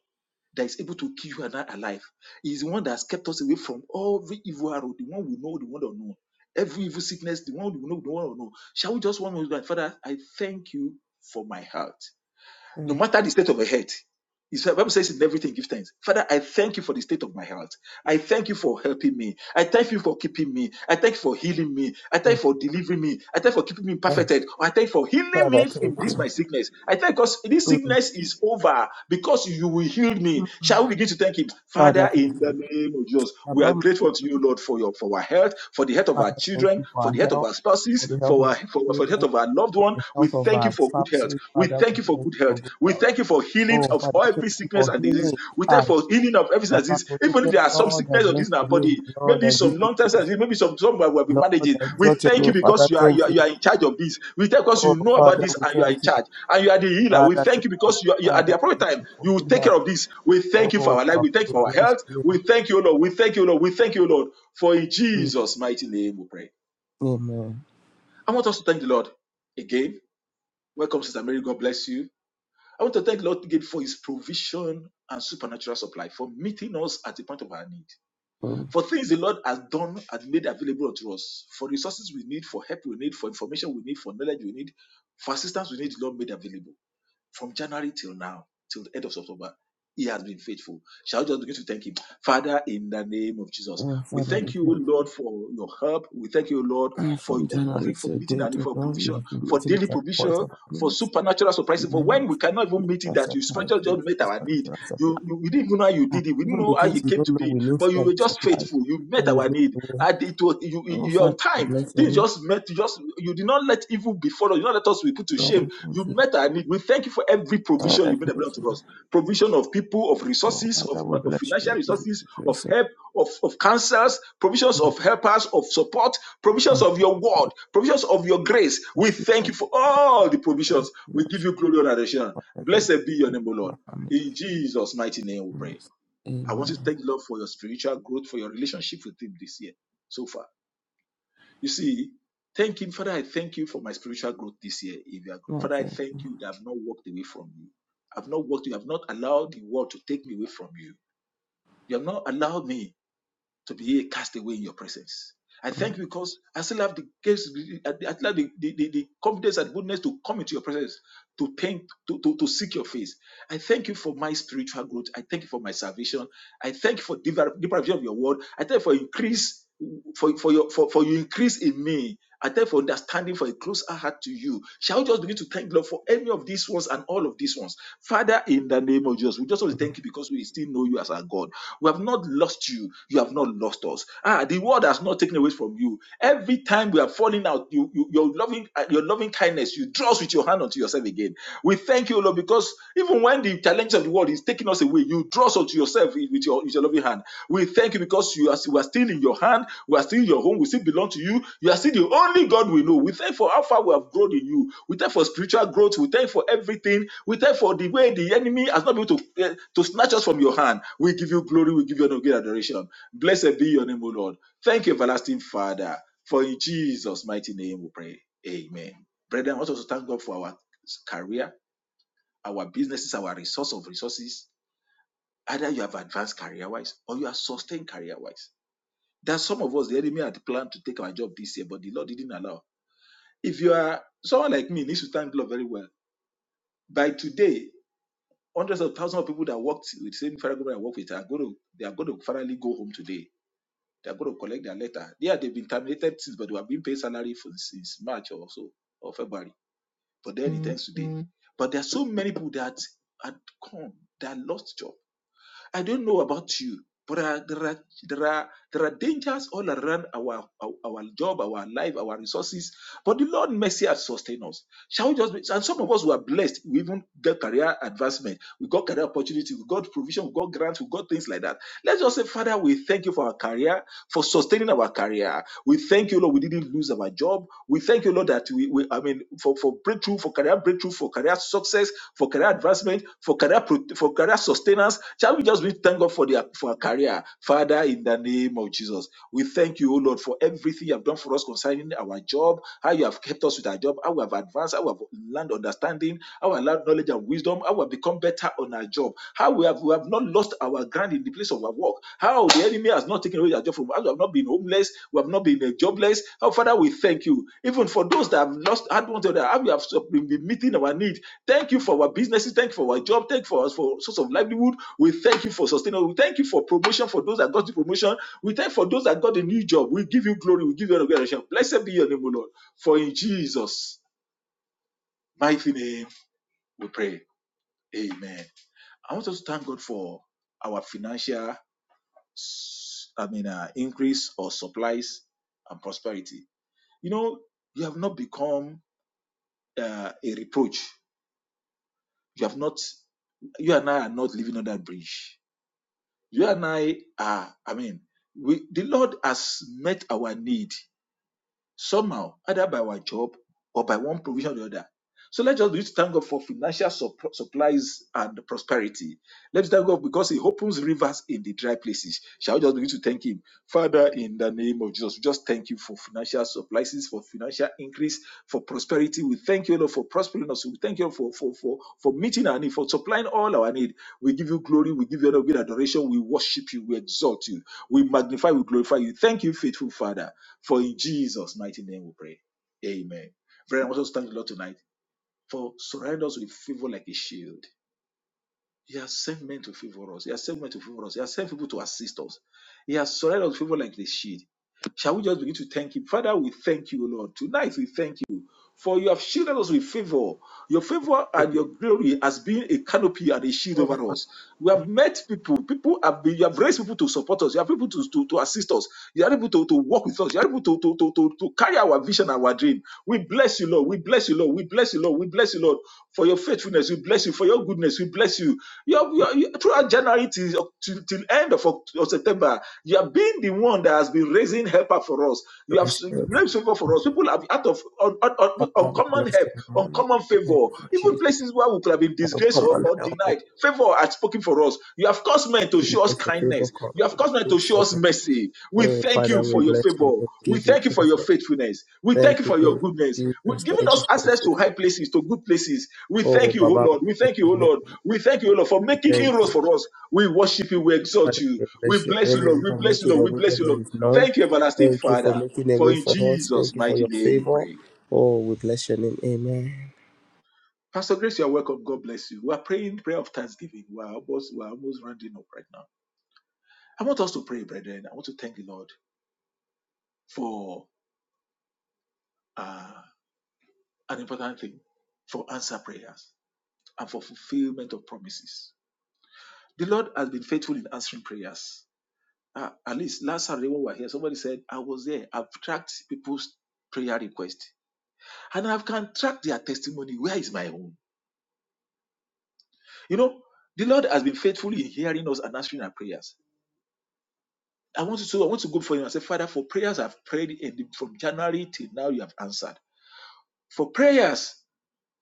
that is able to keep you and I alive. He is the one that has kept us away from every evil arrow, the one we know, the one that know. Every evil sickness, the one we know, the one we don't know. Shall we just one more time? Father, I thank you for my health no Mm. matter the state of your health. It's- The Bible says in everything give thanks. Father, I thank you for the state of my health. I thank you for helping me. I thank you for keeping me. I thank you for healing me. I thank you for delivering me. I thank you for keeping me perfected. I thank you for healing me from this my sickness. I thank because this sickness is over because you will heal me. Shall we begin to thank him? Father, in the name of Jesus, we are Abba, grateful to you, Lord, for your for our health, for the health of Father, our thank children, you for for our the health of health, our spouses, for the health for of our our for, for the children. health of our loved one. the We health thank of thank you our for good health. spouses. We thank you for Thank you good health. for good We health. thank you for healing Oh, of thank every you sickness for and disease. healing. We Ah, thank you for healing of every sickness and Papa, disease. for the Even if prayer, there are some Lord, I sickness or bless disease in our your name. body, Lord, maybe I give some you long term praise. sickness, maybe some some we have been Lord, managing. I We exalt your thank you name. because Father, you are, thank you are you. you are in charge of this. We thank you because Oh, you know about Father, this we and you are in thank you. charge and you are the healer. We Father, thank thank you you. because you are, you are at the Father, appropriate thank time you for you will good take care health. of this. We thank you for Oh, our life. Papa, We thank you we for our bless health. your We name. thank you, O Lord. We thank you, O Lord. We thank you, O Lord. For in Mm. Jesus' mighty name we pray. Amen. I want us to thank the Lord again. Welcome, Sister Mary. God bless you. I want to thank Lord again for his provision and supernatural supply, for meeting us at the point of our need, Mm. for things the Lord has done and made available unto us, for resources we need, for help we need, for information we need, for knowledge we need, for assistance we need, the Lord made available. From January till now, till the end of October, he has been faithful. Shall we just begin to thank him? Father, in the name of Jesus, Oh, we Father, we thank you, thank you. Lord, for your help. We thank you, Lord, <clears throat> for From every January for to meeting day and to for Lord, you provision, have been for meeting daily us at the point provision, of our for needs. supernatural You surprises, for know, when we cannot even meet it, that's that our you special priority. just met our need. You, you we didn't even know how you Ah, did it. We didn't Even the know how you things we came don't to know, be, we need but you that you were just supply. faithful. You met That you our make need. a way. And it was you, you- Oh, you're Father, on we time. bless your Things name. just met. You Just you did not let evil befall us. You did not let us be put to shame. Father, thank You you. met our need. We thank you for every provision Father, you made thank available you. to us. Provision of people, of Oh, resources, of, Father, ma- we of bless your financial name. We give resources, you of praise. Oh, help, of, of counsels, provisions of helpers, of support, provisions Father, of your word, we provisions of your grace. bless We you. thank Lord, you for for my all the provisions. We give blessings. you glory and adoration. Father, thank you. Blessed be your Bless name, O My Lord. family. In Jesus' mighty name we pray. Bless. I want to Amen. thank the Lord for your spiritual growth, for your relationship with Him this year so far. You see, thank Him, Father. I thank you for my spiritual growth this year. If you are, Lord, Father, I thank you. thank you that I've not walked away from you. I've not walked. You have not allowed the world to take me away from you. You have not allowed me to be cast away in your presence. I thank you because I still have the grace, I still have the, the, the, the confidence and boldness to come into your presence, to paint, to, to, to seek your face. I thank you for my spiritual growth. I thank you for my salvation. I thank you for the deeper vision of your word. I thank you for increase, for, for your for, for your increase in me. I thank you for understanding, for a closer heart to you. Shall we just begin to thank the Lord for any of these ones and all of these ones? Father, in the name of Jesus, we just want to thank you because we still know you as our God. We have not lost you. You have not lost us. Ah, the world has not taken away from you. Every time we are falling out, you, you your loving uh, your loving kindness, you draw us with your hand onto yourself again. We thank you, Lord, because even when the challenges of the world is taking us away, you draw also to yourself eh, with your, with your loving hand. We thank you because you are, we are still in your hand. We are still in your home. We still belong to you. You are still the only God we know. We thank you for how far we have grown in you. We thank you for spiritual growth. We thank you for everything. We thank you for the way the enemy has not been able to, eh, to snatch us from your hand. We give you glory. We give you honor. We adoration. Blessed be your name, O Lord. Thank you, everlasting Father. For in Jesus' mighty name we pray. Amen. Brethren, I want us to thank God for our career, our businesses, our resource of resources Either you have advanced career wise or you are sustained career wise. There are some of us, the enemy had planned to take our job this year, but the Lord didn't allow. If you are someone like me, needs to thank the Lord very well. By today, hundreds of thousands of people that worked with the same federal government I work with are going to they are going to finally go home today. They are going to collect their letter. Yeah, they've been terminated since, but they have been paid salary for since March or so or February. But then it ends today. But there are so many people that had come that lost job I don't know about you, but uh, there are there are there are dangers all around our, our our job, our life, our resources. But the Lord mercy has sustained us. Shall we just be, and some of us were blessed. We even get career advancement. We got career opportunity. We got provision. We got grants. We got things like that. Let's just say, Father, we thank you for our career, for sustaining our career. We thank you, Lord. We didn't lose our job. We thank you, Lord, that we, we I mean, for, for breakthrough, for career breakthrough, for career success, for career advancement, for career pro- for career sustenance. Shall we just be thank God for their for our career, Father, in the name of Jesus. We thank you, O Lord, for everything you have done for us concerning our job, how you have kept us with our job, how we have advanced, how we have learned understanding, how we have learned knowledge and wisdom, how we have become better on our job, how we have we have not lost our ground in the place of our work, how the enemy has not taken away our job from us, we have not been homeless, we have not been uh, jobless. Oh Father, we thank you. Even for those that have lost had one to the how we have so, been been meeting our need. Thank you for our businesses, thank you for our job, thank you for us for source of livelihood. We thank you for sustaining, we thank you for providing and not living on that bridge. you and I are, I mean, we, the Lord has met our need somehow, either by our job or by one provision or the other. So let us just use thank God for financial sup- supplies and prosperity. Let's thank God because He opens rivers in the dry places. Shall we just begin to thank Him? Father, in the name of Jesus, we just thank you for financial supplies, for financial increase, for prosperity. We thank you, Lord, for prospering us. We thank you, Lord, For you have shielded us with favor. Your favor and your glory has been a canopy and a shield Oh, over Father, us. We have met people. People have been, you have raised people to support us. You have people to, to, to assist us. You are able to, to work with us. You are able to, to, to, to, to carry our vision and our dream. We bless you, Lord. We bless you, Lord. We bless you, Lord. We bless you, Lord. For your faithfulness, we bless you. For your goodness, we bless you. You have, you have- you- throughout January till, till, till end of, Oct- of September, you have been the one that has been raising helper for us. You have grace over for us. People have out of un- un- un- uncommon help, uncommon favor, even places where we could have been disgraced or, or denied. Favor has spoken for us. You have caused men to show us kindness. You have caused men to show us mercy. We thank you for your favor. We thank you for your faithfulness. We thank you for your goodness. We've given us access to high places, to good places. We thank you, O Lord. We thank you, O Lord. We thank you, O Lord, for making inroads for us. We worship you. We exalt you. We bless you, Lord. We for bless you, making Lord. a We way where bless you, there Lord. is none. Thank you, everlasting Thank you for Father. making a For way in for us. Jesus' Thank you for mighty your name we favor. pray. Oh, we bless your name. Amen. Pastor, I want for uh, an important thing for answer prayers and for fulfillment of promises. The Lord has been faithful in answering prayers. Uh, at least last Saturday when we were here, somebody said, I was there. I've tracked people's prayer request and I've can track their testimony. Where is my own? You know, the Lord has been faithful in hearing us and answering our prayers. I want to so I want to go for him and say, Father, for prayers I've prayed in the, from January till now, you have answered. For prayers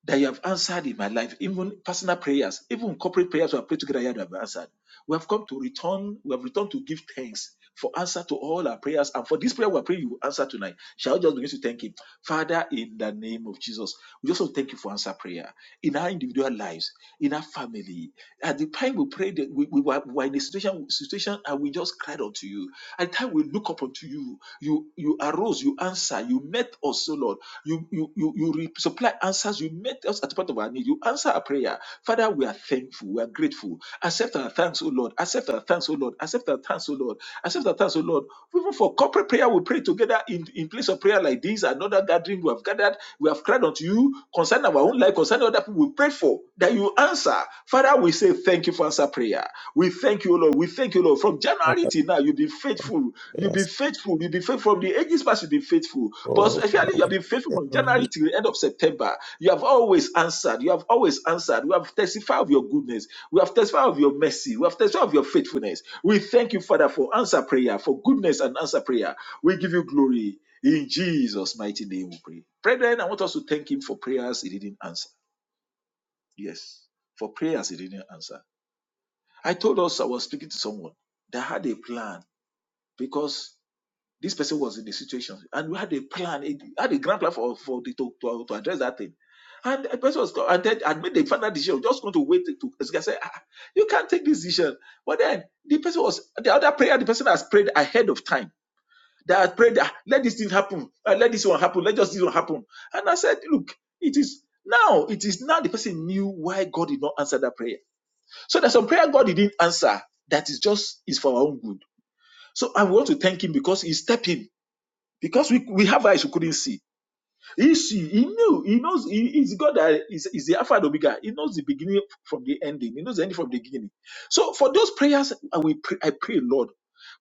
that you have answered in my life, even personal prayers, even corporate prayers we have prayed together here that have been answered. We have come to return, we have returned to give thanks for answer to all our prayers. And for this prayer we are praying, you will answer tonight. Shall we just begin to thank Him? Father, in the name of Jesus, we just want to thank you for answer prayer in our individual lives, in our family. At the time we prayed, we, we, were, we were in a situation, situation and we just cried unto you. At the time we look up unto you, you, you arose, you answer, you met us, so Lord. You you you you supply answers, you met us at the point of our need. You answer our prayer. Father, we are thankful, we are grateful. Accept our thanks, O Lord. Accept our thanks, O Lord. Accept our thanks, O Lord. Accept our thanks, O Lord. Even for corporate prayer, we pray together in, in place of prayer like this, another gathering we have gathered, we have cried unto you concerning our own life, concerning other people we pray for, that you answer. Father, we say thank you for answer prayer. We thank Thank you, O Lord. We thank you, Lord. From January till now, you've been faithful. You've been faithful. You've been faithful. From the ages past, you've been faithful. But especially, you have been faithful from January Amen. till the end of September. You have always answered. You have always answered. We have testified of your goodness. We have testified of your mercy. We have testified of your faithfulness. We thank you, Father, for answer prayer, for goodness and answer prayer. We give you glory. In Jesus' mighty name, we pray. Brethren, I want us to thank Him for prayers He didn't answer. Yes, for prayers He didn't answer I told us I was speaking to someone that had a plan because this person was in the situation and we had a plan, it had a grand plan for, for the, to, to, to address that thing. And the person was and then and made the final decision, just going to wait to as I said, "Ah, you can't take this decision. But then the person was the other prayer, the person has prayed ahead of time. They had prayed, "Ah, let this thing happen, Ah, let this one happen, let just this one happen. And I said, Look, it is now, it is now the person knew why God did not answer that prayer so there's some prayer God didn't answer that is just is for our own good. So I want to thank Him because He stepped in. Because we, we have eyes we couldn't see. He, she, he knew. He knows. He, is God that is, is the Alpha and Omega. He knows the beginning from the ending. He knows the ending from the beginning. So for those prayers, I will pray, I pray, Lord.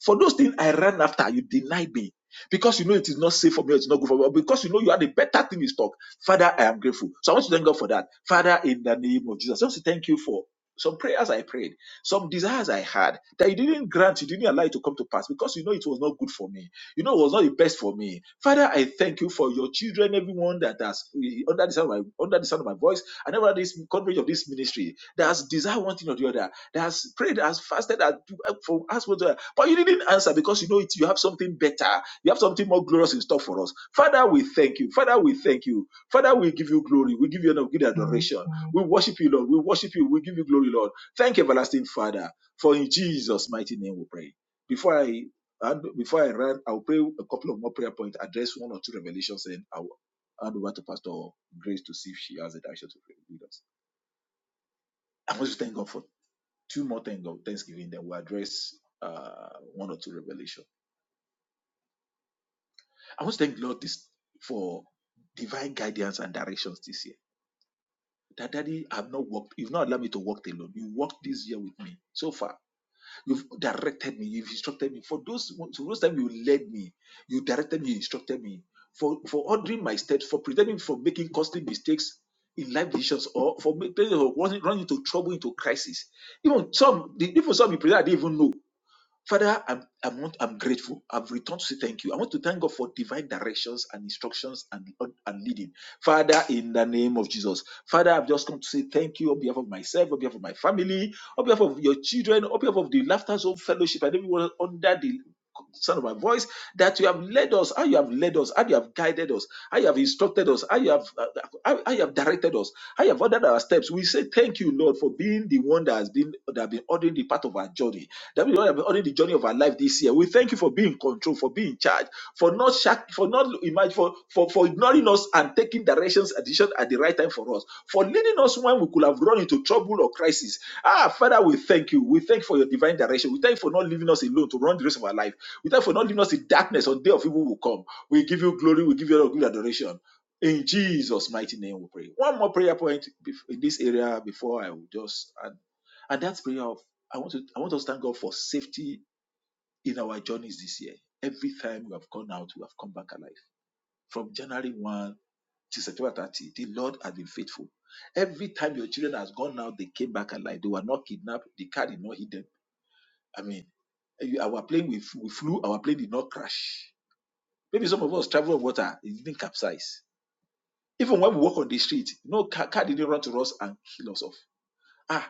For those things I ran after, you denied me. Because you know it is not safe for me, it's not good for me. Because you know you had a better thing in stock. Father, I am grateful. So I want to thank God for that. Father, in the name of Jesus. I want to thank you for some prayers I prayed, some desires I had that you didn't grant, you didn't allow it to come to pass because you know it was not good for me you know, it was not the best for me. Father, I thank you for your children, everyone that has eh, under the sound of my under the sound of my voice, and everyone this coverage of this ministry that has desired one thing or the other, that has prayed, that has fasted, that for us, but you didn't answer because you know it. You have something better. You have something more glorious in store for us. Father, we thank you. Father, we thank you. Father, we give you glory. We give you honor. We give you adoration. We worship you, Lord. We worship you. We give you glory, Lord. Thank you, everlasting Father. For in Jesus' mighty name we pray. Before I and before I run, I'll pray a couple of more prayer points, address one or two revelations, and I'll hand over to Pastor Grace to see if she has a direction to pray with us. I want to thank God for two more thank God Thanksgiving, then we'll address uh, one or two revelation. I want to thank Lord this for divine guidance and directions this year. That daddy, I've not walked, you've not allowed me to walk alone. You walked this year with me so far You've directed me. You've instructed me. For those, for those times you led me, you directed me, you instructed me. For for ordering my steps, for preventing me from making costly mistakes in life decisions, or for making running, into trouble, into crisis. Even some, the, even some people I didn't even know Father, I'm, I'm, want, I'm grateful. I've returned to say thank you. I want to thank God for divine directions and instructions and, and leading. Father, in the name of Jesus. Father, I've just come to say thank you on behalf of myself, on behalf of my family, on behalf of your children, on behalf of the Laughter Zone Fellowship and everyone under the sound of my voice that you have led us, how you have led us, how you have guided us, how you have instructed us, how you have, uh, how, how you have directed us, how you have ordered our steps. We say thank you, Lord, for being the one that has been, that has been ordering the path of our journey that we have already the journey of our life this year. We thank you for being in control, for being in charge, for not shack, for not imagine, for, for for ignoring us and taking directions and decisions at the right time for us, for leading us when we could have run into trouble or crisis. Ah, Father, we thank you. We thank you for your divine direction. We thank you for not leaving us alone to run the rest of our life. We thank you for not leaving us in darkness on day of evil will come. We give you glory. We give you all good adoration. In Jesus' mighty name, we pray. One more prayer point in this area before I will just and and that's prayer of I want to I want us to thank God for safety in our journeys this year. Every time we have gone out, we have come back alive. From January 1 to September 30, the Lord has been faithful. Every time your children has gone out, they came back alive. They were not kidnapped. The car did not hit them. I mean, you- our plane we, f- we flew, our plane did not crash. Maybe some of us travel on water, it didn't capsize. Even when we walk on the street, no car, car didn't run to us and kill us off. Ah.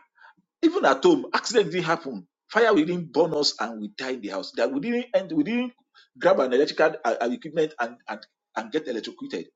Even at home, accident didn't happen. Fire we didn't burn us and we die in the house. That we didn't end, we didn't grab an electrical uh, uh, equipment and, and, and get electrocuted.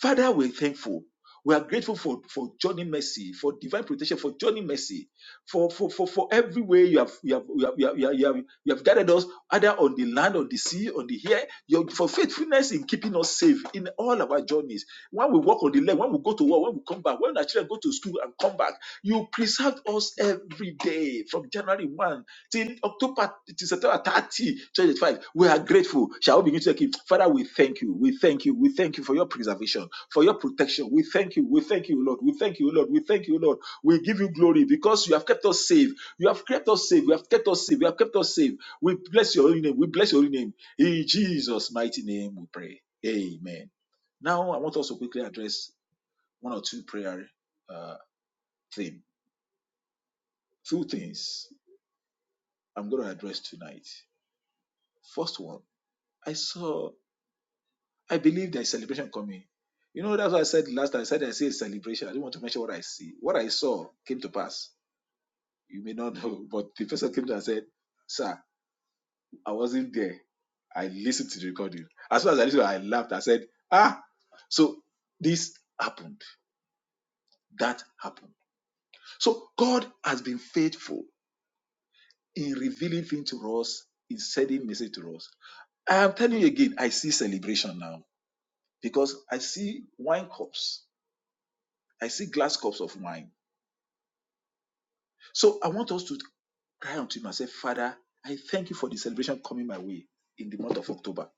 Father, we're thankful. We are grateful for, for Johnny Mercy, for divine protection, for Johnny Mercy, for, for, for, for every way you have, you, have, you, have, you, have, you, have, you have you have guided us, either on the land, on the sea, on the air, your, for faithfulness in keeping us safe in all our journeys. When we walk on the land, when we go to work, when we come back, when our children go to school and come back, you preserved us every day from January 1 till October till September 30, 2025. We are grateful. Shall we begin to thank Him? Father, we thank you. We thank you. We thank you for your preservation, for your protection. We thank you. We thank you, Lord. We thank you, Lord. We thank you, Lord. We give you glory because you have kept us safe. You have kept us safe. You have kept us safe. You have kept us safe. We bless your holy name. We bless your holy name. In Jesus' mighty name, we pray. Amen. Now, I want us to quickly address one or two prayer uh, theme. Two things I'm going to address tonight. First one I saw, I believe there's celebration coming. You know, that's what I said last time. I said I see a celebration. I didn't want to mention what I see. What I saw came to pass. You may not <laughs> know, but the person came to and said, Sir, I wasn't there. I listened to the recording. As soon as I listened, I laughed. I said, Ah, so this happened. That happened. So God has been faithful in revealing things to us, in sending message to us. I am telling you again, I see celebration now because I see wine cups. I see glass cups of wine. So I want us to cry unto Him and say, Father, I thank you for the celebration coming my way in the month of October.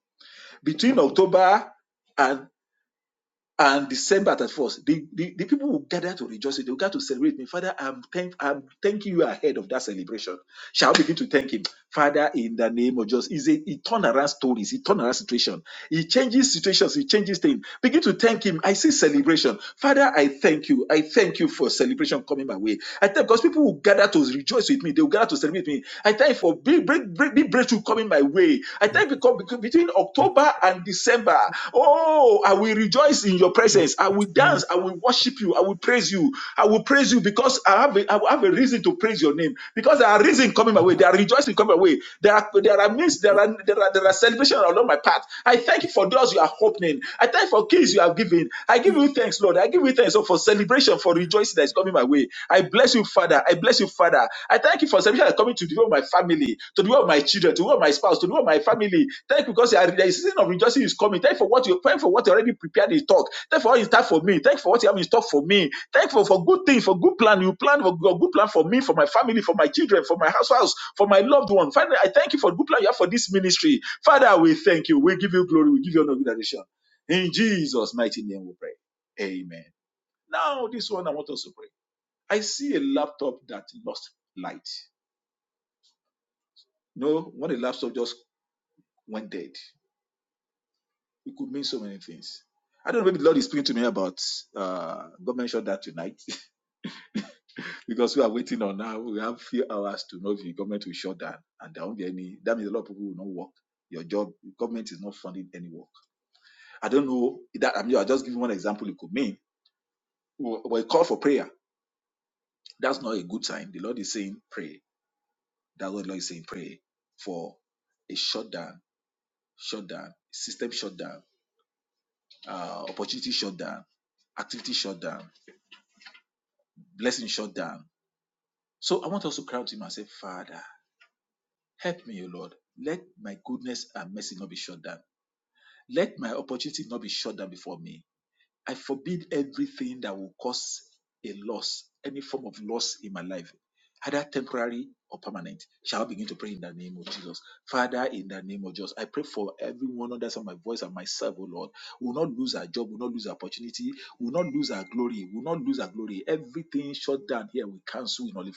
Between October and and December 31st, the, the, the people will gather to rejoice. They will gather to celebrate me. Father, I'm, thank, I'm thanking you ahead of that celebration. Shall we begin to thank Him? Father, in the name of Jesus, is a, a turnaround story, it's a turnaround situation he changes situations, he changes things. Begin to thank him. I see celebration. Father, I thank you. I thank you for celebration coming my way. I thank because people will gather to rejoice with me, they will gather to celebrate with me. I thank you for big, big, big, big breakthrough coming my way. I thank you because because between October and December, oh, I will rejoice in your presence. I will dance. I will worship you. I will praise you praise you. I will praise you because I have a, I have a reason to praise your name. Because there are reasons coming my way. There are rejoicing coming my way. There are there are means. There are there are there are celebration along my path. I thank you for doors you are opening. I thank you for keys you have given. I give you thanks, Lord. I give you thanks Lord, for celebration for rejoicing that is coming my way. I bless you, Father. I bless you, Father. I thank you for celebration that is coming to develop my family to the way of my children, to the way of my spouse, to the way of my family. Thank you because there is a season of rejoicing is coming. Thank you for what you thank you for what you already prepared in talk. Thank you for what you start for me. Thank you for what you have in stock for me. Thank you for, for good things, for good plan. You plan for for good plan for me, for my family, for my children, for my house, house, for my loved one. Father, I thank you for the good plan you have for this ministry. Father, we thank you. We give you glory. We give you honor and adoration. In Jesus' mighty name we pray. Amen. Now, this one I want us to pray. I see a laptop that lost light. No, when the laptop just went dead. It could mean so many things. I don't know, maybe the Lord is speaking to me about uh, government shutdown tonight <laughs> because we are waiting on now. We have few hours to know if the government will shut down and there won't be any. That means a lot of people will not work. Your job, government is not funding any work. I don't know that. I mean, I'll just give you one example it could mean. But a call for prayer, that's not a good sign. The Lord is saying, pray. That's what the Lord is saying, pray for a shutdown, shutdown, system shutdown, uh, opportunity shutdown, activity shutdown blessing shut down. So I want us to cry out to him and say, Father,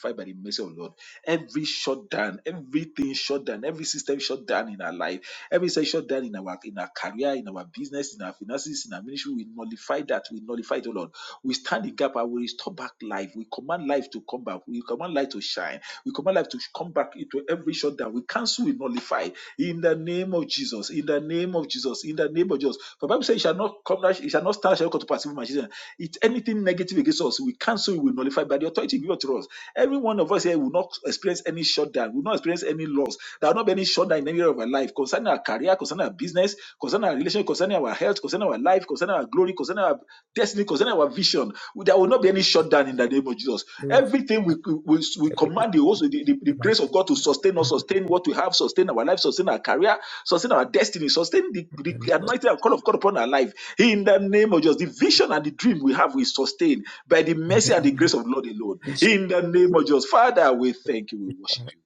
fortify by the mercy of the Lord. Every shutdown, everything shut down, every system shut down in our life, every system shut down in our in our career, in our business, in our finances, in our ministry. We nullify that. We nullify it, O Lord. We stand in gap and we restore back life. We command life to come back. We command life to shine. We command life to come back into every shutdown. We cancel, we nullify in the name of Jesus. In the name of Jesus. In the name of Jesus. For the Bible says, "It shall not come. It shall not stand. Shall not come to pass." It anything negative against us, we cancel, we nullify by the authority given to us. Every one of us here will not experience any shutdown, will not experience any loss. There will not be any shutdown in any area of our life concerning our career, concerning our business, concerning our relationship, concerning our health, concerning our life, concerning our glory, concerning our destiny, concerning our vision. There will not be any shutdown in the name of Jesus. Everything we, we, we command the, also the, the, the grace of God to sustain us, sustain what we have, sustain our life, sustain our career, sustain our destiny, sustain the, the anointing and call of God upon our life. In the name of Jesus, the vision and the dream we have, we sustain by the mercy and the grace of Lord alone. In the name of Jesus, Father, we thank you, we worship you.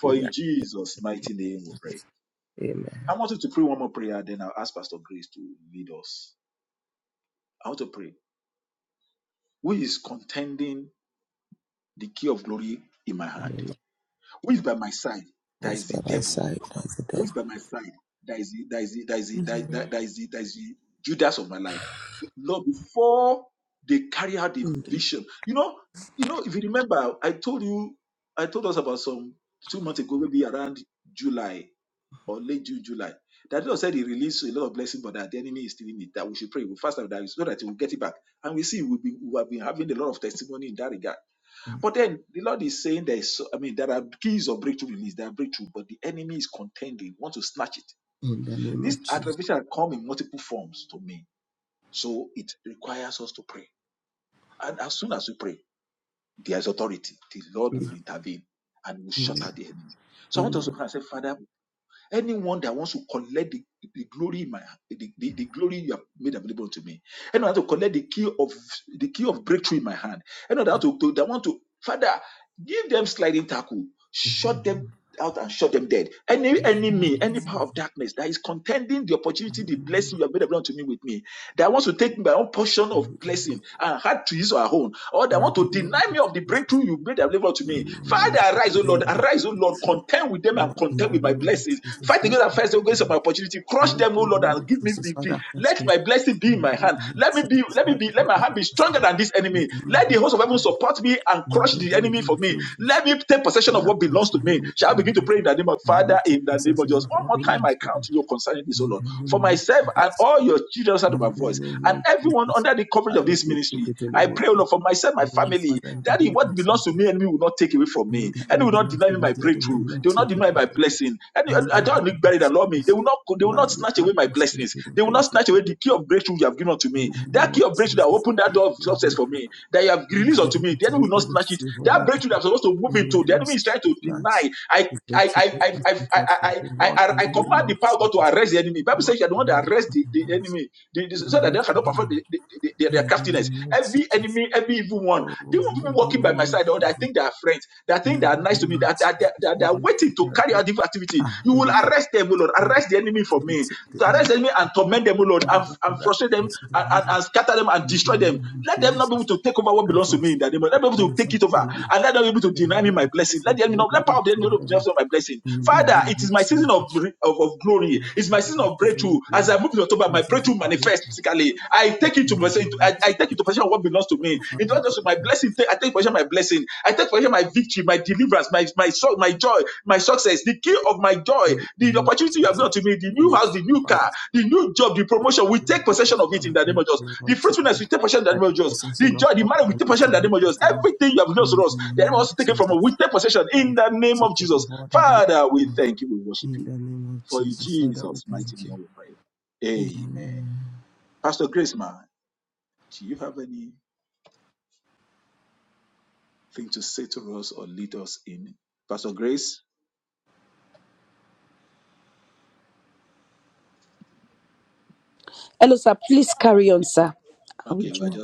For in Jesus' mighty name we pray. I want you to pray one more prayer, then I'll ask Pastor Grace to lead us. I want to pray. Who is contending the key of glory in my hand? Who is by my side? That is the devil. Who is by my side? That is the, that is the, that is the, In that, that, that is the, that is the Judas of my life. Lord, before they carry out the the vision, you know, you know, if you remember, I told you, I told us about some two months ago, maybe around July or late June, July, that God said He released a lot of blessing, but that the enemy is stealing it. That we should pray, we fast and that so that He will get it back, and we see we will be, we have been having a lot of testimony in that regard. But then the Lord is saying there is, so- I mean, there are keys of breakthrough release, there are breakthrough, but the enemy is contending, want to snatch it. in the name This of Jesus. attribution has come in multiple forms to me. So it requires us to pray. And as soon as we pray, there is authority. The Lord will intervene and will shut Amen. out the enemy. So I want us to Amen. pray and say, Father, anyone that wants to collect the, the glory in my the, the, the glory you have made available to me, anyone that want to collect the key of the key of breakthrough in my hand, anyone that, want to, to- that want to Father, Give them sliding tackle. Shut them out and shut them dead. Any enemy, any power of darkness that is contending the opportunity, the blessing you have made available to me with me, that wants to take my own portion of blessing and had to use our own, or that want to deny me of the breakthrough you made available to me. Father, arise, O Lord, arise, O Lord, contend with them and contend with my blessings. Fight against the first against my opportunity. Crush them, O Lord, and give me victory. Let my blessing be in my hand. Let me be, let me be, let my hand be stronger than this enemy. Let the host of of heaven support me and crush the enemy for me. Let me take possession of what belongs to me. Shall I begin to pray in the name of Father, in the name of Jesus? One more time, I count you concerning this, O Lord. For myself and all your children out of my voice, and everyone under the coverage of this ministry, I pray, O Lord, for myself, my family, that what belongs to me, enemy will not take away from me. Enemy will not deny me my breakthrough. They will not deny my blessing. And I don't need buried and love me. They will not they will not snatch away my blessings. They will not snatch away the key of breakthrough you have given unto me. That key of breakthrough that open that door of success for me, that you have released unto me, the enemy will not snatch it. That breakthrough that I'm supposed to move into, the enemy is trying to deny. I I I I I I I, I, I command the power of God to arrest the enemy. Bible says you are the one that arrests the, the enemy, the, the- so that they cannot perform the, the, the- their their craftiness. Every enemy, every evil one, the one people walking by my side, or I think they are friends, that think they are nice to me, that that that, that they are waiting to carry out evil activity. You will arrest them, O Lord. Arrest the enemy for me. To arrest the enemy and torment them, O Lord, and, and frustrate frustrate them and, and, and scatter them and destroy them. Let them not be able to take over what belongs to me in the name let them be able to take it over and let them be able to deny me my blessing. Let the enemy not let power of the enemy not deny my blessing. Father, it is my season of, of, of glory. It's my season of breakthrough. As I move in October, my breakthrough manifests physically. I take it to myself. I, I take it to possession of what belongs to me. It not just my blessing. I take possession of my blessing. I take possession of my victory, my deliverance, my my so- my joy, my success, the key of my joy, the opportunity you have given to me, the new house, the new car. The new job, the promotion, we take possession of it in the name of Jesus. The fruitfulness, we take possession in the name of Jesus. The joy, the marriage, we take possession in the name of Jesus. Everything you have lost to us, the enemy wants to take it from us. We take possession in the name of Jesus. Father, we thank you. We worship you. For in Jesus' mighty name we pray. Amen. Pastor Grace, ma, do you have anything to say to us or lead us in? Pastor Grace, Hello, sir. Please carry on, sir. I will join.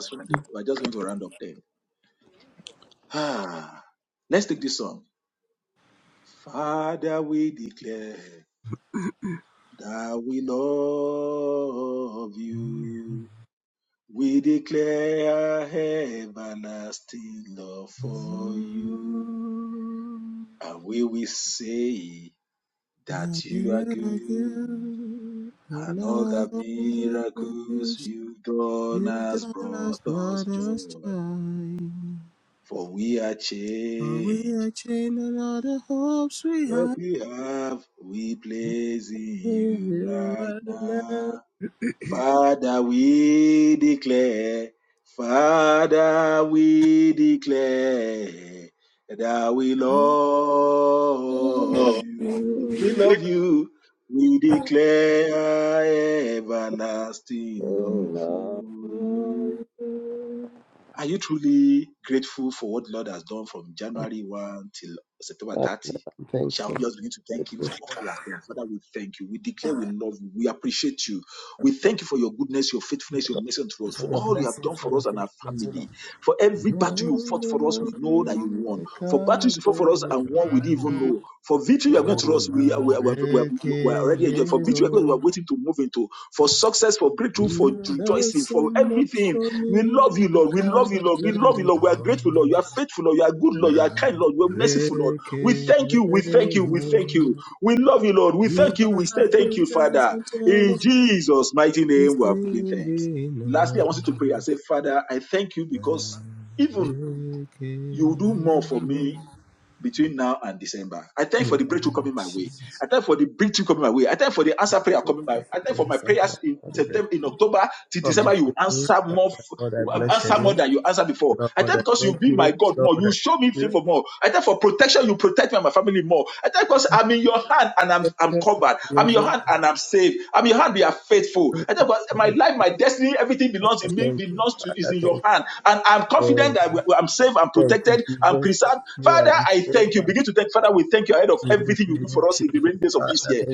for you, and we will say that you are good. And all the miracles you've done has brought us joy, for we are changed. What we have, we place in you right now. Father, we declare, Father, we declare that we love you. We love you. We declare everlasting love for you. Are you truly grateful for what the Lord has done from January 1 till September God, 30? I'm Shall thankful. we just begin to thank Him for all He has done? Father, we thank you. We declare we love you. We appreciate you. We thank you for your goodness, your faithfulness, your mercy unto us, for all you have done for us and our family. For every battle you fought for us, we know that you won. For battles you fought for us and won, we didn't even know. For victory you are going to Oh, us, we are, we my are, we are, we are we are already enjoying. For victory you are going, we are waiting to move into. For success, for breakthrough, for You've done rejoicing, so for much everything. for We me, love you, I Lord. We love you, cannot Lord. We love you, tell it Lord. We are all. grateful, Lord. You are faithful, Lord. You are good, Lord. You are Now, kind, Lord. You are merciful, Lord. We thank you. We thank you. We thank you. We love you, Lord. We thank If you. I We say had thank ten you, thousand. Father. In Jesus' mighty name, we have given thanks. Lastly, I want you to pray and say, Father, I thank you because even you do more for me between now and December. I thank you for the breakthrough coming my way. I thank you for the breakthrough coming my way. I thank you for the answer prayer coming my. way. I thank you for my prayers in September, in October till December. You answer more, f- answer more than you answered before. I thank you because you be my God more. You show me favor more. I thank you for protection. You protect me and my family more. I thank you because I'm in your hand and I'm I'm covered. I'm in your hand and I'm saved. I'm in your hand. We are faithful. I thank you because my life, my destiny, everything belongs in me. Belongs to is in your hand, and I'm confident confident that I'm safe, I'm protected, I'm preserved. Father, I thank you. Begin to thank Father. We thank you ahead of everything you do for us in the rainy days of this year.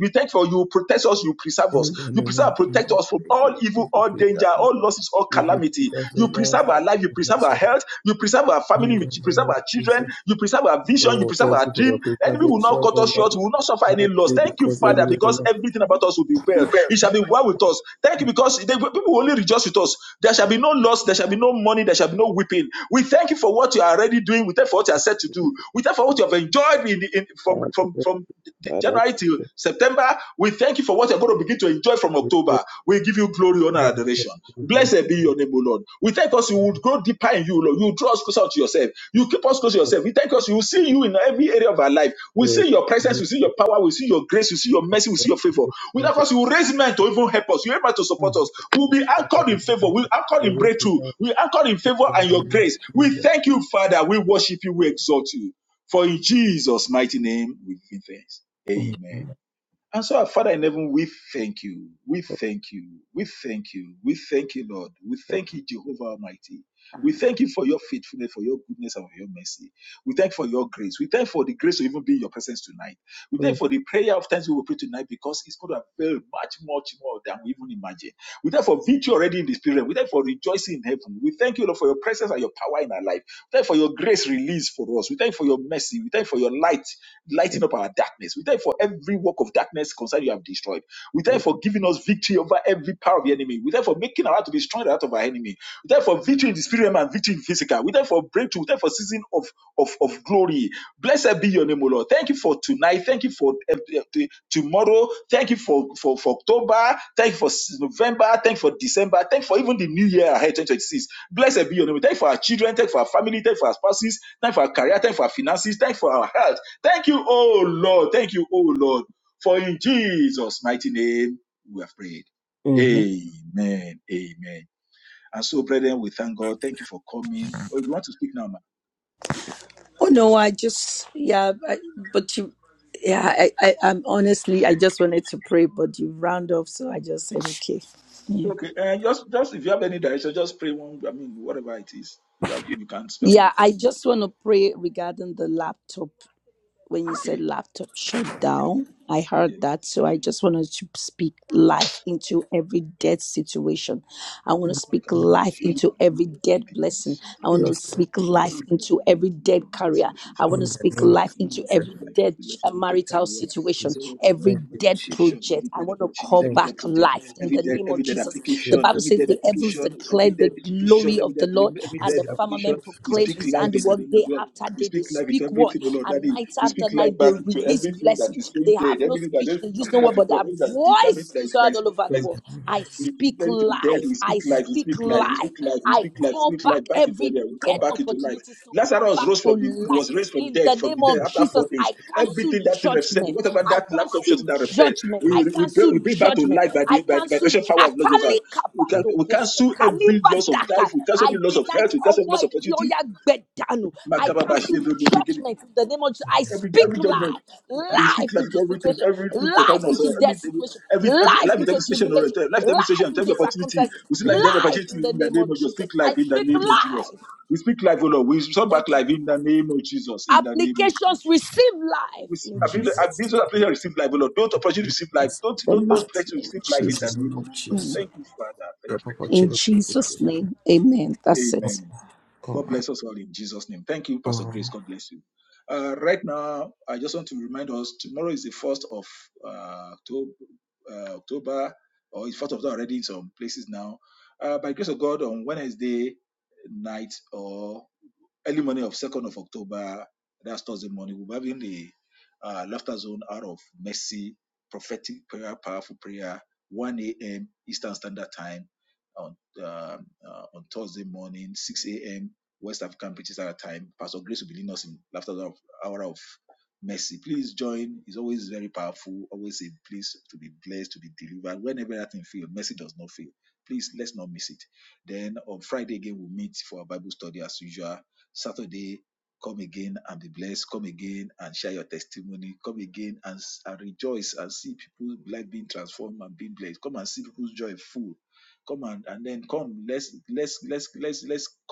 We thank for You protect us. You preserve us. You preserve and protect us from all evil, all danger, all losses, all calamity. You preserve our life. You preserve our health. You preserve our family. You preserve our children. You preserve our vision. You preserve our dream. Enemy will not cut us short. We will not suffer any loss. Thank you, Father, because everything about us will be well. It shall be well with us. Thank you because they. people people will only rejoice with us. There shall be no loss, there shall be no money, there shall be no weeping. We thank you for what you are already doing. We thank you for what you are set to do. We thank you for what you have enjoyed in, in from from from January till September. We thank you for what you're going to begin to enjoy from October. We give you glory, honor, and adoration. Blessed be your name, O Lord. We thank us you would grow deeper in you, Lord. You will draw us closer to yourself. You keep us close to yourself. We thank us. you will see you in every area of our life. We see your presence. We see your power. We see your grace. We see your mercy. We see your favor. Without us, you will raise men to even help us. You help men to support us. We'll be anchored in favor. We'll be anchored in breakthrough. We're anchored in favor and your grace. We thank you, Father. We worship you. We exalt you. For in Jesus' mighty name, we give thanks. Amen. And so, our Father in heaven, we thank you. We thank you. We thank you. We thank you, Lord. We thank you, Jehovah Almighty. We thank you for your faithfulness, for your goodness, and for your mercy. We thank you for your grace. We thank you for the grace to even be in your presence tonight. We thank Mm, you for the prayer of thanks we will pray tonight because it's going to avail much, much more than we even imagine. We thank you for victory already in the spirit. We thank you for rejoicing in heaven. We thank you, Lord, for your presence and your power in our life. We thank you for your grace released for us. We thank you for your mercy. We thank you for your light lighting up our darkness. We thank you for every work of darkness concern you have destroyed. We thank you for giving us victory over every power of the enemy. We thank you for making our heart to be strong in the heart of our enemy. We thank you for victory in the spirit realm and victory in physical. We thank you for breakthrough. We thank you for season of, of, of glory. Blessed be your name, O Lord. Thank you for tonight. Thank you for eh, eh, t- tomorrow. Thank you for, for, for October. Thank you for s- November. Thank you for December. Thank you for even the new year ahead, 2026. Blessed be your name. We Thank you for our children. Thank you for our family. Thank you for our spouses. Thank you for our career. Thank you for our finances. Thank you for our health. Thank you, oh Lord. Thank you, oh Lord. mm, Oh no, I just yeah, I, but you, yeah, I, I, I'm honestly, I just wanted to pray, but you round off, so I just said okay. Yeah, yeah, I just want to pray regarding the laptop. when you said Okay. laptop shut down. I Yes. heard that. So I just wanted to speak life into every dead situation. I want to speak Father, we life speak into every to dead blessing. I want to speak life the into Lord every into dead every career. decision, I want every to day, speak every day, life into of my every life, dead with the Lord, uh, every day, marital career, with situation, the Lord, every every day, dead persuasion, project. every I day, want to opportunities, call every day, back project, life in every the day, name of every day, Jesus. The application, Bible every day, says the heavens application, declare every day, declared the vision, glory every of day, the dream, Lord, every and day, the application. firmament We proclaimed speak his life in the handiwork name of day Lord. after We day. speak They life into speak word, everything, oh Lord, and Daddy. night We speak after life night they back into release everything that blessing. is going They dead, have no everything that speech, is they not use no prepared word, to but death, their everything that's determined, voice that is, is that heard is, all over that the is world. I speak ready to be dead. life. We speak I life. We speak speak life. We life. speak life. We I speak life. we call Speak back life back into every area. We come dead back into life. opportunities to come Lazarus back rose to from the life. was raised from In dead the from the name dead of after Jesus, four days. I cancel Everything that thing represented, judgment. whatever I that laptop cancel shutting that represent, judgment. I we we, bring- cancel we bring back to judgment. life by I the by the cancel. vibration ju- power of Lord Jesus. Christ. Akali We can kabato we kose, cancel every kaliba loss of daka. life, we cancel every I loss of deny health, the we cancel every loss owo of ibioya bedanu. I cancel opportunity judgment in the name of Jesus. I every speak every judgment. life, We life speak like into everything, situation, everything life concerning us. uh, into death Every, situation, every, every life life is into every station, or tribulation, life is every life station, every into opportunity. circumstances, We speak life is every life opportunity in the in the name name of of Jesus. Jesus. Speak life I in the speak name of Jesus. life. We speak life, O Lord. We restore back Thank you, life in the Father. name of Jesus. In the name of Jesus. Applications receive life We, s- in I've I've Jesus' been name. so appreciative receive life, O Lord. Don't opportunity receive life. Don't, The don't, those mighty blessings name receive of life in the Jesus. name of Jesus. In Jesus' name, amen. That's it.